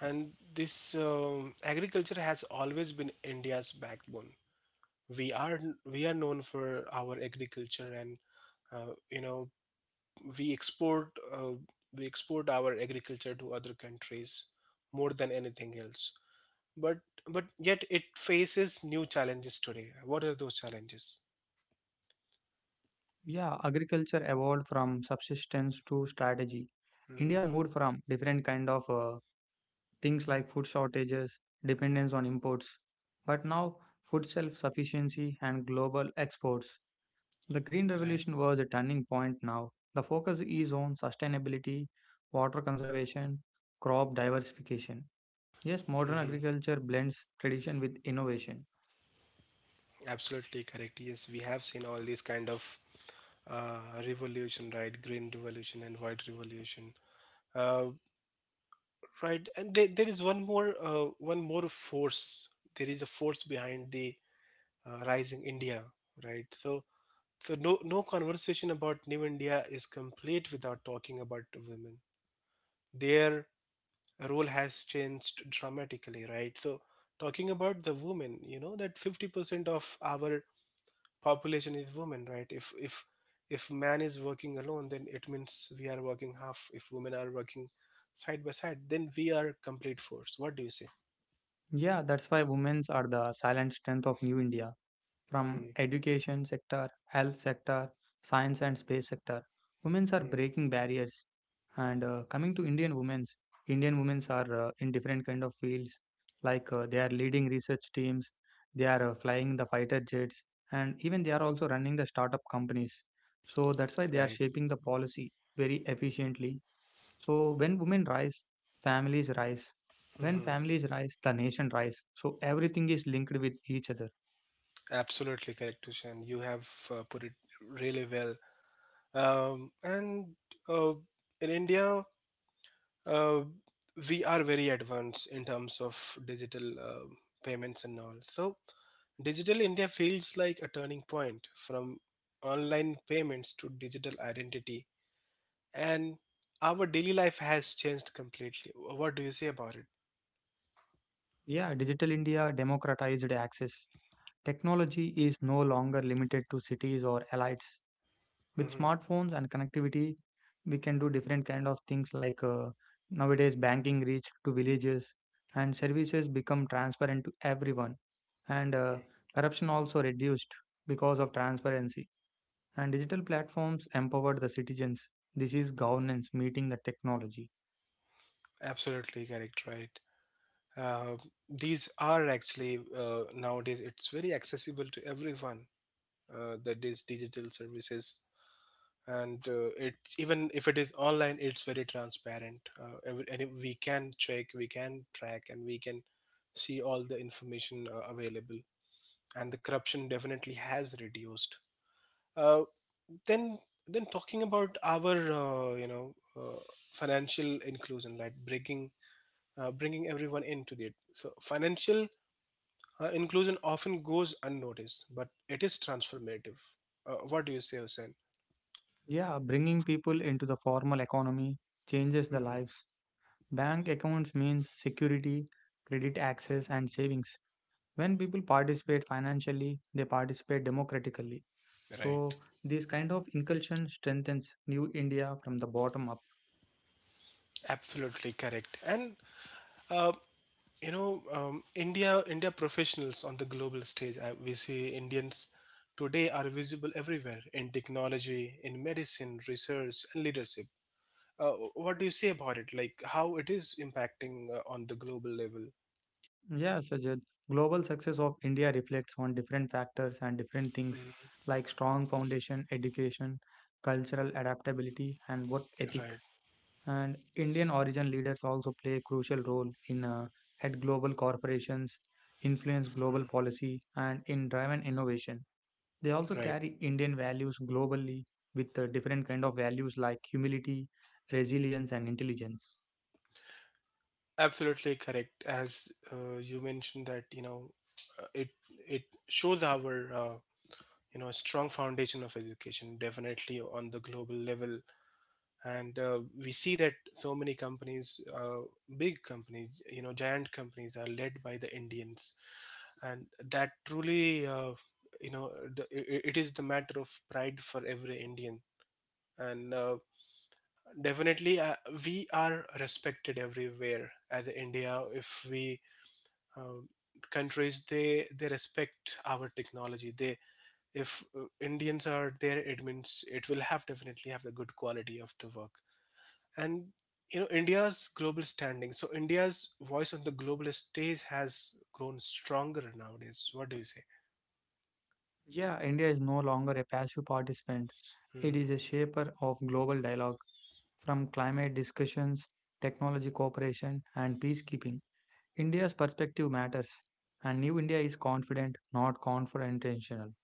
[SPEAKER 1] And this, agriculture has always been India's backbone. We are we are known for our agriculture, and you know, we export uh, we export our agriculture to other countries more than anything else. But but yet it faces new challenges today. What are those challenges?
[SPEAKER 2] Yeah, agriculture evolved from subsistence to strategy. India
[SPEAKER 1] Hmm.
[SPEAKER 2] moved from different kind of things like food shortages, dependence on imports, but now food self sufficiency and global exports. The Green
[SPEAKER 1] Right.
[SPEAKER 2] Revolution was a turning point now. The focus is on sustainability, water conservation, crop diversification. Yes, modern
[SPEAKER 1] Hmm.
[SPEAKER 2] agriculture blends tradition with innovation.
[SPEAKER 1] Absolutely correct. Yes, we have seen all these kind of revolution, right? Green revolution and white revolution. Uh, right, and there is one more force. There is a force behind the rising India, right? So, no conversation about New India is complete without talking about women. Their role has changed dramatically, right? So, talking about the women, you know that 50% of our population is women, right? If man is working alone, then it means we are working half. If women are working side by side, then we are complete force. What do you say?
[SPEAKER 2] Yeah, that's why women are the silent strength of New India. From
[SPEAKER 1] Hmm.
[SPEAKER 2] education sector, health sector, science and space sector, women are
[SPEAKER 1] Hmm.
[SPEAKER 2] breaking barriers. And coming to Indian women are in different kind of fields. Like they are leading research teams, they are flying the fighter jets, and even they are also running the startup companies. So that's why they are
[SPEAKER 1] Right.
[SPEAKER 2] shaping the policy very efficiently so when women rise, families rise. When
[SPEAKER 1] Hmm.
[SPEAKER 2] families rise, the nation rise. So everything is linked with each other.
[SPEAKER 1] Absolutely correct, Tushan. You have put it really well. Um, and uh, in India uh, we are very advanced in terms of digital payments and all. So Digital India feels like a turning point: from online payments to digital identity, and our daily life has changed completely. What do you say about it?
[SPEAKER 2] Yeah, digital India democratized access. Technology is no longer limited to cities or elites. With
[SPEAKER 1] Hmm.
[SPEAKER 2] smartphones and connectivity, we can do different kind of things like nowadays banking reached to villages and services become transparent to everyone and corruption also reduced because of transparency and digital platforms empowered the citizens. This is governance meeting the technology.
[SPEAKER 1] Absolutely correct, right? Uh, these are actually, nowadays, it's very accessible to everyone. That is digital services, and it even if it is online, it's very transparent. And we can check, we can track, and we can see all the information available. And the corruption definitely has reduced. Uh, then, then talking about our financial inclusion, like bringing everyone into it. So financial inclusion often goes unnoticed, but it is transformative. What do you say, Hussein?
[SPEAKER 2] Yeah, bringing people into the formal economy changes the
[SPEAKER 1] Hmm.
[SPEAKER 2] lives. Bank accounts means security, credit access, and savings. When people participate financially, they participate democratically.
[SPEAKER 1] Right.
[SPEAKER 2] So, this kind of inclusion strengthens New India from the bottom up.
[SPEAKER 1] Absolutely correct. And uh, you know, India professionals on the global stage. We see Indians today are visible everywhere: in technology, in medicine, research, and leadership. What do you say about it? Like how it is impacting on the global level?
[SPEAKER 2] Yeah, Sajid. Global success of India reflects on different factors and different things
[SPEAKER 1] Mm.
[SPEAKER 2] like strong foundation, education, cultural adaptability, and work ethic.
[SPEAKER 1] Right.
[SPEAKER 2] And Indian origin leaders also play a crucial role in head global corporations, influence global
[SPEAKER 1] Mm.
[SPEAKER 2] policy, and in driving innovation. They also
[SPEAKER 1] Right.
[SPEAKER 2] carry Indian values globally with different kind of values like humility, resilience, and intelligence.
[SPEAKER 1] Absolutely correct. As you mentioned, that you know, uh, it it shows our, you know, strong foundation of education, definitely, on the global level. And we see that so many companies big companies, you know, giant companies are led by the Indians. And that truly, you know, it is the matter of pride for every Indian. And definitely we are respected everywhere. As India, if we, uh, countries, they respect our technology. They, if Indians are their admins, it will have definitely have the good quality of the work. And, you know, India's global standing. So India's voice on the global stage has grown stronger nowadays. What do you say?
[SPEAKER 2] Yeah, India is no longer a passive participant. It
[SPEAKER 1] Hmm.
[SPEAKER 2] is a shaper of global dialogue. From climate discussions, technology cooperation, and peacekeeping, India's perspective matters. And New India is confident, not confrontational.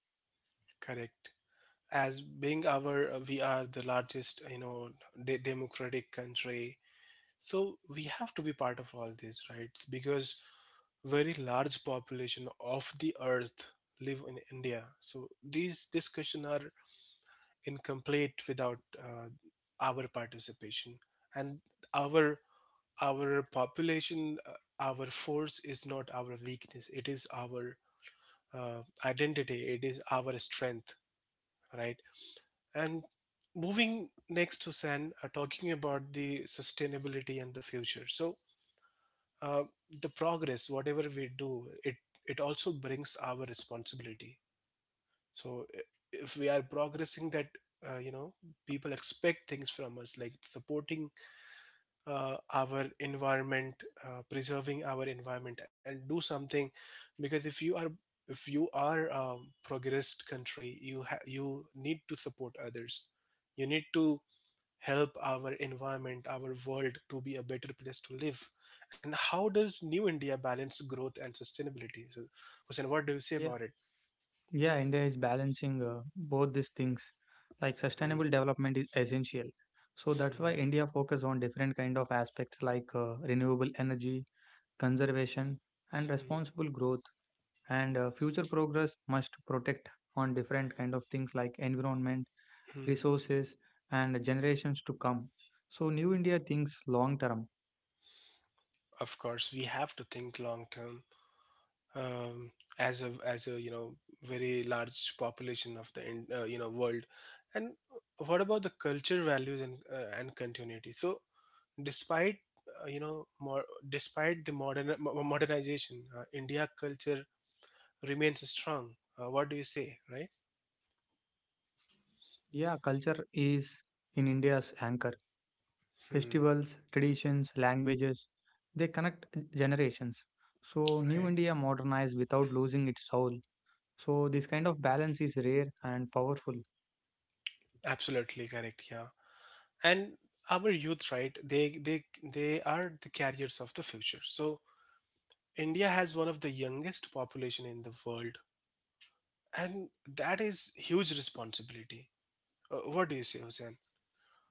[SPEAKER 1] Correct. As being our, we are the largest, you know, democratic country, so we have to be part of all this, right? Because very large population of the earth live in India, so these discussions are incomplete without uh, our participation. And our our population, our force is not our weakness. It is our identity; it is our strength, right? And moving next to san talking about the sustainability and the future. So uh, the progress, whatever we do, it also brings our responsibility. So if we are progressing, that, you know, people expect things from us, like supporting our environment, preserving our environment and do something. Because if you are, if you are a progressed country, you need to support others. You need to help our environment, our world, to be a better place to live. And how does new India balance growth and sustainability? So Hussein, what do you say
[SPEAKER 2] Yeah,
[SPEAKER 1] about it?
[SPEAKER 2] yeah, India is balancing both these things. Like sustainable
[SPEAKER 1] Mhm.
[SPEAKER 2] development is essential. So that's why
[SPEAKER 1] Mhm.
[SPEAKER 2] India focus on different kind of aspects like renewable energy, conservation, and responsible growth. And future progress must protect on different kind of things like environment,
[SPEAKER 1] Mhm.
[SPEAKER 2] resources, and generations to come. So New India thinks long term.
[SPEAKER 1] Of course, we have to think long term. Um, as a, as a, you know, very large population of the you know, world. And what about the culture, values, and continuity? So, despite, you know, more despite the modernization, india culture remains strong. Uh, what do you say? Right.
[SPEAKER 2] Yeah, culture is in India's anchor.
[SPEAKER 1] Hmm.
[SPEAKER 2] Festivals, traditions, languages, they connect generations. So New
[SPEAKER 1] Right.
[SPEAKER 2] India modernized without losing its soul. So this kind of balance is rare and powerful.
[SPEAKER 1] Absolutely correct, yeah. And our youth, right? They are the carriers of the future. So India has one of the youngest population in the world. And that is huge responsibility. What do you say, Hussein?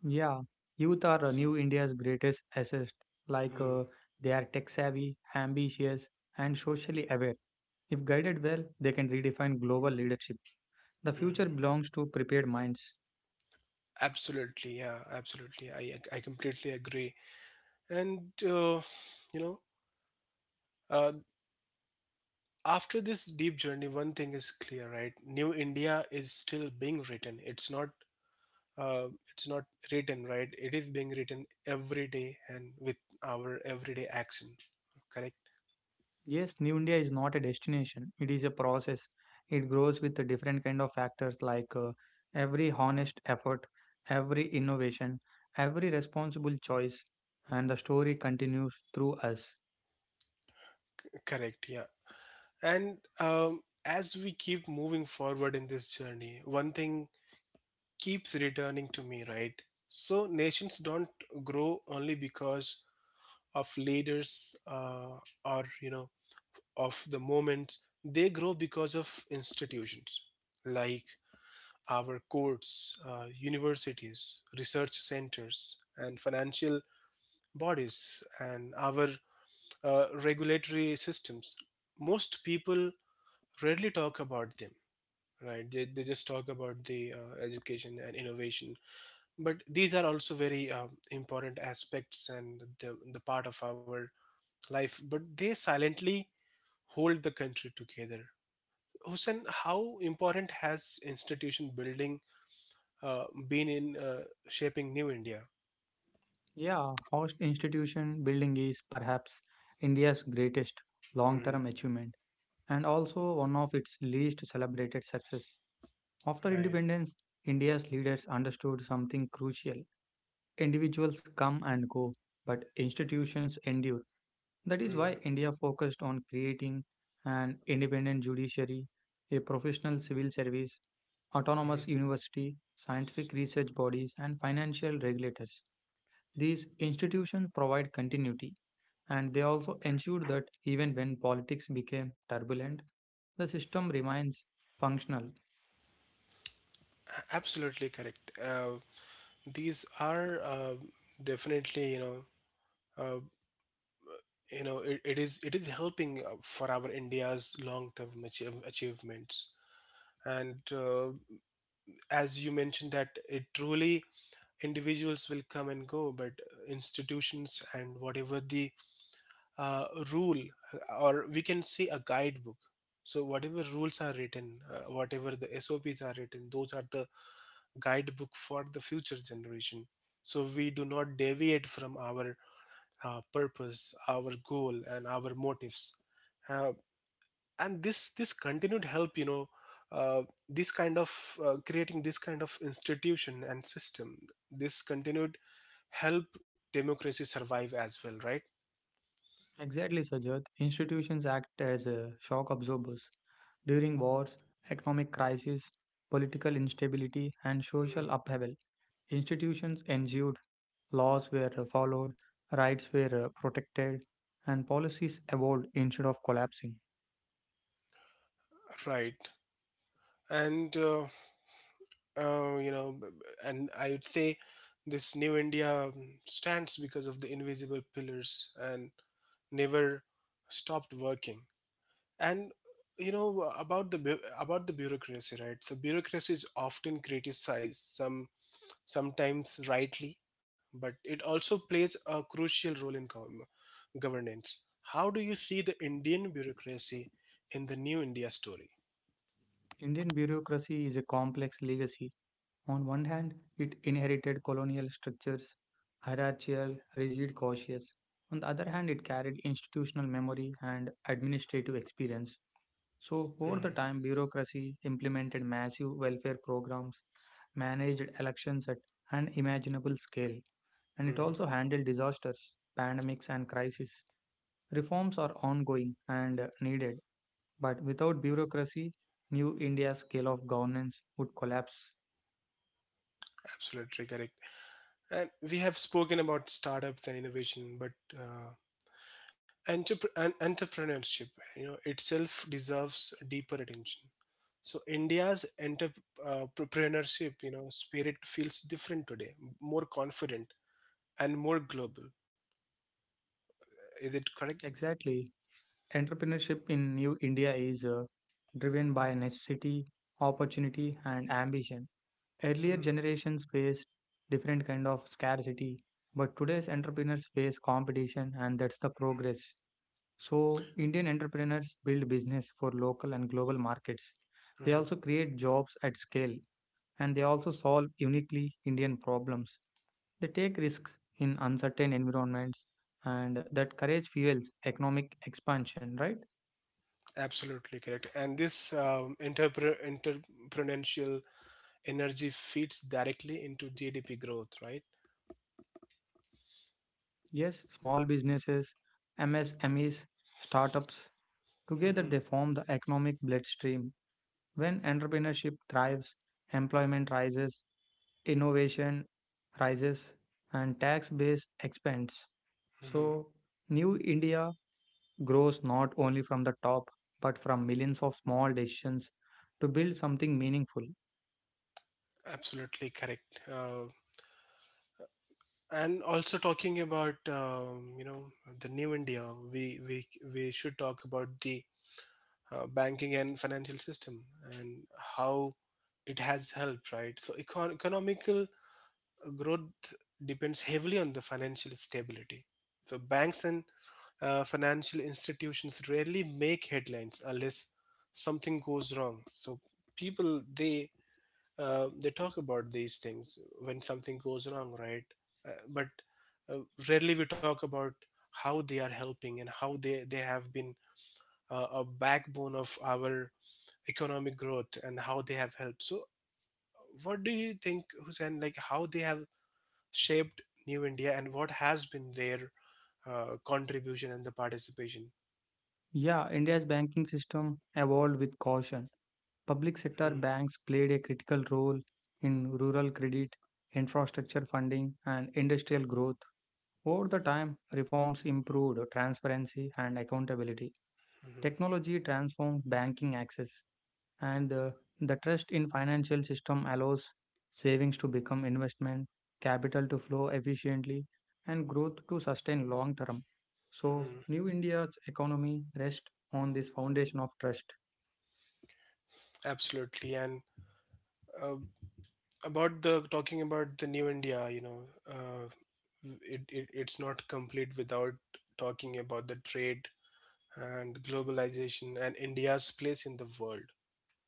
[SPEAKER 2] Yeah, youth are New India's greatest asset. Like
[SPEAKER 1] Hmm.
[SPEAKER 2] they are tech savvy, ambitious, and socially aware. If guided well, they can redefine global leadership. The future
[SPEAKER 1] Hmm.
[SPEAKER 2] belongs to prepared minds.
[SPEAKER 1] Absolutely, yeah, absolutely. I completely agree. And you know, uh, after this deep journey, one thing is clear, right? New India is still being written. It's uh, not written, right? It is being written every day, and with our everyday action. Correct,
[SPEAKER 2] Yes, New India is not a destination, it is a process. It grows with the different kind of factors like every honest effort, every innovation, every responsible choice, and the story continues through us.
[SPEAKER 1] correct, yeah. And as we keep moving forward in this journey, one thing keeps returning to me, right? So nations don't grow only because of leaders, or, you know, of the moment. They grow because of institutions, like our courts, universities, research centers, and financial bodies, and our regulatory systems. Most people rarely talk about them, right? They just talk about the education and innovation, but these are also very, important aspects and the part of our life, but they silently hold the country together. Hussein, how important has institution building been in shaping new India?
[SPEAKER 2] Yeah, host institution building is perhaps India's greatest long
[SPEAKER 1] Hmm.
[SPEAKER 2] term achievement and also one of its least celebrated success. After
[SPEAKER 1] Right.
[SPEAKER 2] independence, India's leaders understood something crucial. Individuals come and go, but institutions endure. That is why India focused on creating an independent judiciary, a professional civil service,
[SPEAKER 1] Mm-hmm.
[SPEAKER 2] autonomous university, scientific research bodies, and financial regulators. These institutions provide continuity and they also ensure that even when politics became turbulent, the system remains functional.
[SPEAKER 1] Absolutely correct. These are, definitely, uh, you know, it is helping for our India's long-term achievements. And as you mentioned, that it truly individuals will come and go, but institutions and whatever the uh, rule, or we can say a guidebook, so whatever rules are written, whatever the SOPs are written, those are the guidebook for the future generation, so we do not deviate from our purpose, our goal, and our motives. Uh, and this continued help, you know, uh, this kind of, creating this kind of institution and system, this continued help democracy survive as well, right?
[SPEAKER 2] Exactly, Sajad, institutions act as shock absorbers. During wars, economic crises, political instability, and social
[SPEAKER 1] Mm.
[SPEAKER 2] upheaval, institutions ensured laws were followed, rights were protected, and policies evolved instead of collapsing.
[SPEAKER 1] Right. And you know, b- b- and I would say this new India, stands because of the invisible pillars and never stopped working. And, you know, about the about the bureaucracy, right? So bureaucracy is often criticized, some sometimes rightly, but it also plays a crucial role in governance. How do you see the Indian bureaucracy in the new India story?
[SPEAKER 2] Indian bureaucracy is a complex legacy. On one hand, it inherited colonial structures, hierarchical, rigid, cautious. On the other hand, it carried institutional memory and administrative experience. So, over the
[SPEAKER 1] Mhm.
[SPEAKER 2] time, bureaucracy implemented massive welfare programs, managed elections at unimaginable scale, and it
[SPEAKER 1] Mhm.
[SPEAKER 2] also handled disasters, pandemics, and crises. Reforms are ongoing and needed, but without bureaucracy, New India's scale of governance would collapse.
[SPEAKER 1] Absolutely correct. And we have spoken about startups and innovation, but entrep- and entrepreneurship, you know, itself deserves deeper attention. So India's entrepreneurship, you know, spirit feels different today, more confident and more global. Is it correct?
[SPEAKER 2] Exactly. Entrepreneurship in New India is driven by necessity, opportunity, and ambition. Earlier
[SPEAKER 1] Hmm.
[SPEAKER 2] generations faced different kind of scarcity, but today's entrepreneurs face competition, and that's the progress. So, Indian entrepreneurs build business for local and global markets. They
[SPEAKER 1] Mhm.
[SPEAKER 2] also create jobs at scale, and they also solve uniquely Indian problems. They take risks in uncertain environments, and that courage fuels economic expansion, right?
[SPEAKER 1] Absolutely correct. And this, entrepreneurial energy feeds directly into GDP growth, right?
[SPEAKER 2] Yes, small businesses, MSMEs, startups, together
[SPEAKER 1] Hmm.
[SPEAKER 2] they form the economic bloodstream. When entrepreneurship thrives, employment rises, innovation rises, and tax base expands.
[SPEAKER 1] Hmm.
[SPEAKER 2] So, New India grows not only from the top but from millions of small decisions to build something meaningful.
[SPEAKER 1] Absolutely correct. And also talking about, you know, the new India, we we we should talk about the banking and financial system, and how it has helped, right? So economical growth depends heavily on the financial stability. So banks and financial institutions rarely make headlines unless something goes wrong. So people, they talk about these things when something goes wrong, right? But uh, rarely we talk about how they are helping and how they have been a backbone of our economic growth, and how they have helped. So what do you think, Hussein? Like how they have shaped New India, and what has been their contribution and the participation?
[SPEAKER 2] Yeah, India's banking system evolved with caution. Public sector banks played a critical role in rural credit, infrastructure funding, and industrial growth. Over the time, reforms improved transparency and accountability.
[SPEAKER 1] Mm-hmm.
[SPEAKER 2] Technology transformed banking access, and the trust in financial system allows savings to become investment, capital to flow efficiently, and growth to sustain long term. So,
[SPEAKER 1] Hmm.
[SPEAKER 2] New India's economy rests on this foundation of trust.
[SPEAKER 1] Absolutely. And uh, about the talking about the new India, you know, uh, it it's not complete without talking about the trade and globalization and India's place in the world.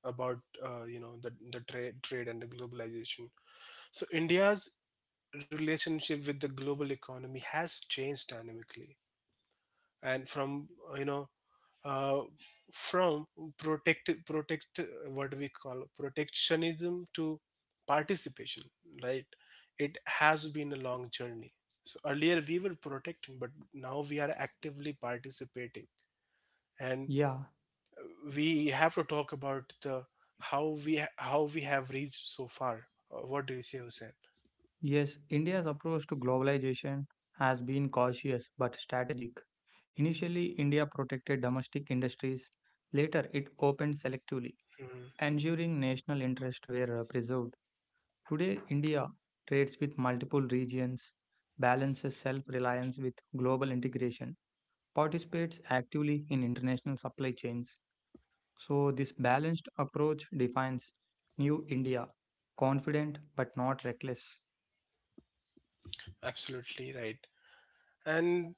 [SPEAKER 1] About you know, the trade and the globalization. So India's relationship with the global economy has changed dynamically, and from uh, from protect protect what we call protectionism to participation, right? It has been a long journey. So earlier we were protecting, but now we are actively participating, and
[SPEAKER 2] Yeah,
[SPEAKER 1] we have to talk about the how we have reached so far. What do you say, hussein?
[SPEAKER 2] yes, India's approach to globalization has been cautious but strategic. Initially, India protected domestic industries. Later, it opened selectively,
[SPEAKER 1] Mhm.
[SPEAKER 2] ensuring national interests were preserved. Today, India trades with multiple regions, balances self reliance with global integration, participates actively in international supply chains. So, this balanced approach defines New India confident but not reckless.
[SPEAKER 1] Absolutely right. And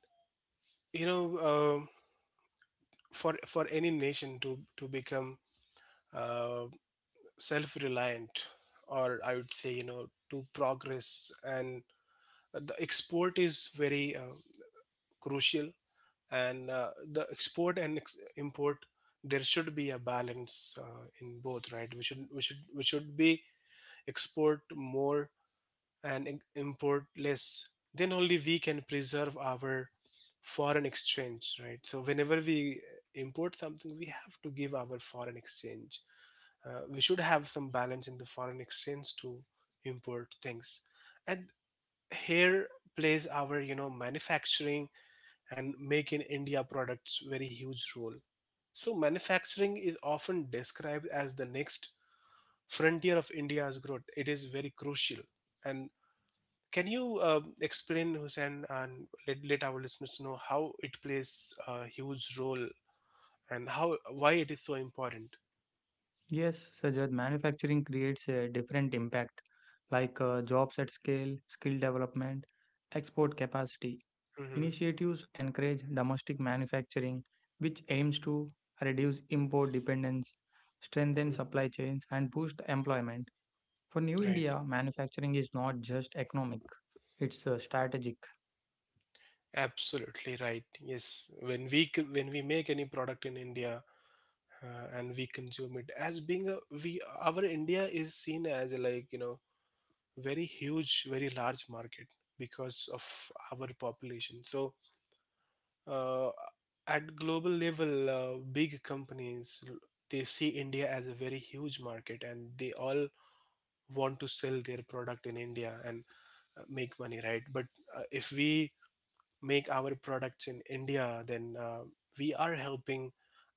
[SPEAKER 1] you know uh, for any nation to become uh, self-reliant, or I would say, you know, to progress, and the export is very crucial. And the export and import, there should be a balance in both, right? We should be export more and import less, then only we can preserve our foreign exchange, right? So whenever we import something, we have to give our foreign exchange. We should have some balance in the foreign exchange to import things. And here plays our, you know, manufacturing and make in India products very huge role. So manufacturing is often described as the next frontier of India's growth. It is very crucial. And can you explain, Hussein, and let our listeners know how it plays a huge role and how why it is so important?
[SPEAKER 2] Yes, Sajad, manufacturing creates a different impact like jobs at scale, skill development, export capacity.
[SPEAKER 1] hmm
[SPEAKER 2] Initiatives encourage domestic manufacturing, which aims to reduce import dependence, strengthen supply chains, and boost employment. For New
[SPEAKER 1] Right.
[SPEAKER 2] India, manufacturing is not just economic, it's strategic.
[SPEAKER 1] Absolutely right. Yes, when we when we make any product in India, and we consume it as being a, we, our India is seen as, like, you know, very huge, very large market because of our population. So uh, at global level, big companies, they see India as a very huge market, and they all want to sell their product in India and make money, right? But if we make our products in India, then we are helping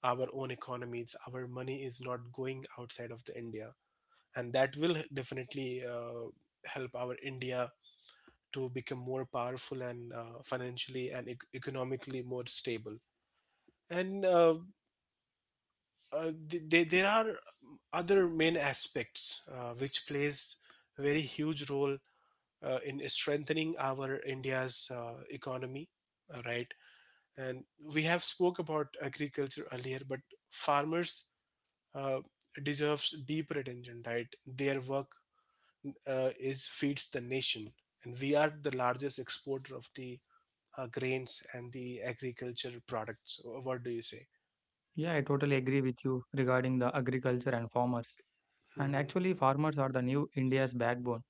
[SPEAKER 1] our own economies. Our money is not going outside of the India, and that will definitely help our India to become more powerful and financially and economically more stable. And there are other main aspects which plays a very huge role in strengthening our India's economy, right? And we have spoke about agriculture earlier, but farmers uh, deserves deeper attention, right? Their work is feeds the nation, and we are the largest exporter of the grains and the agriculture products. What do you say?
[SPEAKER 2] Yeah, I totally agree with you regarding the agriculture and farmers. And
[SPEAKER 1] hmm
[SPEAKER 2] actually, farmers are the new India's backbone.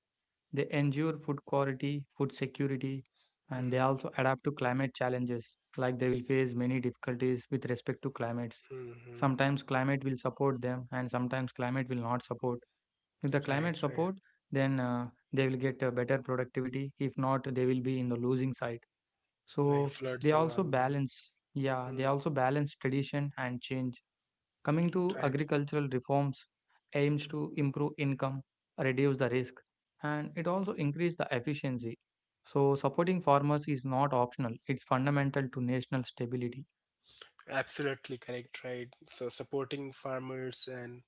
[SPEAKER 2] They ensure food quality, food security, and they
[SPEAKER 1] hmm
[SPEAKER 2] also adapt to climate challenges. Like they will face many difficulties with respect to climates.
[SPEAKER 1] hmm
[SPEAKER 2] Sometimes climate will support them, and sometimes climate will not support. If the climate
[SPEAKER 1] right, right.
[SPEAKER 2] support, then they will get a better productivity. If not, they will be in the losing side.
[SPEAKER 1] Like
[SPEAKER 2] So they
[SPEAKER 1] floods and all.
[SPEAKER 2] also balance. Yeah,
[SPEAKER 1] Hmm,
[SPEAKER 2] they also balance tradition and change. Coming to
[SPEAKER 1] right.
[SPEAKER 2] agricultural reforms aims to improve income, reduce the risk, and it also increase the efficiency. So supporting farmers is not optional, it's fundamental to national stability.
[SPEAKER 1] Absolutely correct, right? So supporting farmers and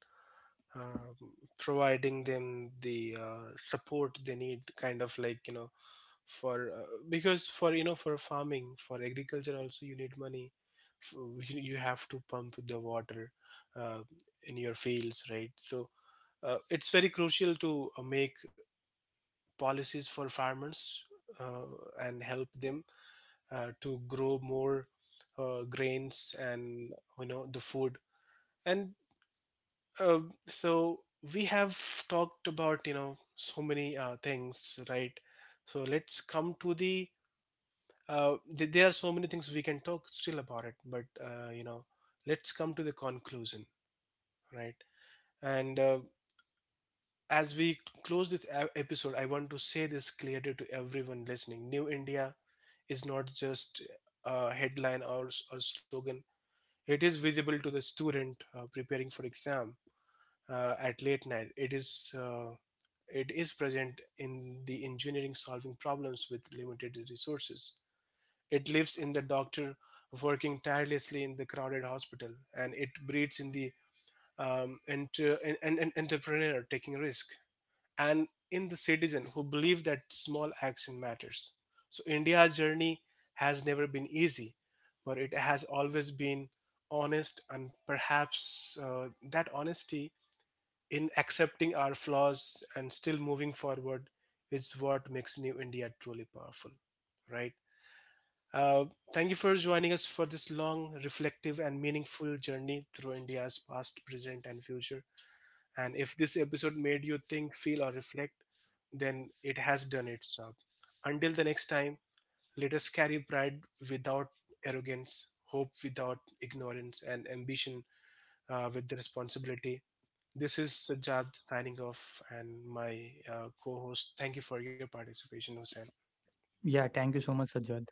[SPEAKER 1] uh, providing them the support they need, kind of, like, you know, for because, for, you know, for farming, for agriculture also you need money. F- you have to pump the water uh, in your fields, right? So it's very crucial to make policies for farmers, uh, and help them to grow more grains and, you know, the food. And uh, so we have talked about, you know, so many things, right? So let's come to the. There are so many things we can talk still about it, but, you know, let's come to the conclusion, right? And as we close this episode, I want to say this clearly to everyone listening: New India is not just a headline or, or slogan. It is visible to the student preparing for exam at late night. It is present in the engineering solving problems with limited resources. It lives in the doctor working tirelessly in the crowded hospital, and it breeds in the an entrepreneur taking risk, and in the citizen who believe that small action matters. So India's journey has never been easy, but it has always been honest, and perhaps that honesty in accepting our flaws and still moving forward is what makes New India truly powerful, right? Uh, Thank you for joining us for this long, reflective, and meaningful journey through India's past, present, and future. And if this episode made you think, feel, or reflect, then it has done its job. Until the next time, let us carry pride without arrogance, hope without ignorance, and ambition with the responsibility. This is Sajjad signing off, and my co host, thank you for your participation, Hussein.
[SPEAKER 2] Yeah, thank you so much, Sajjad.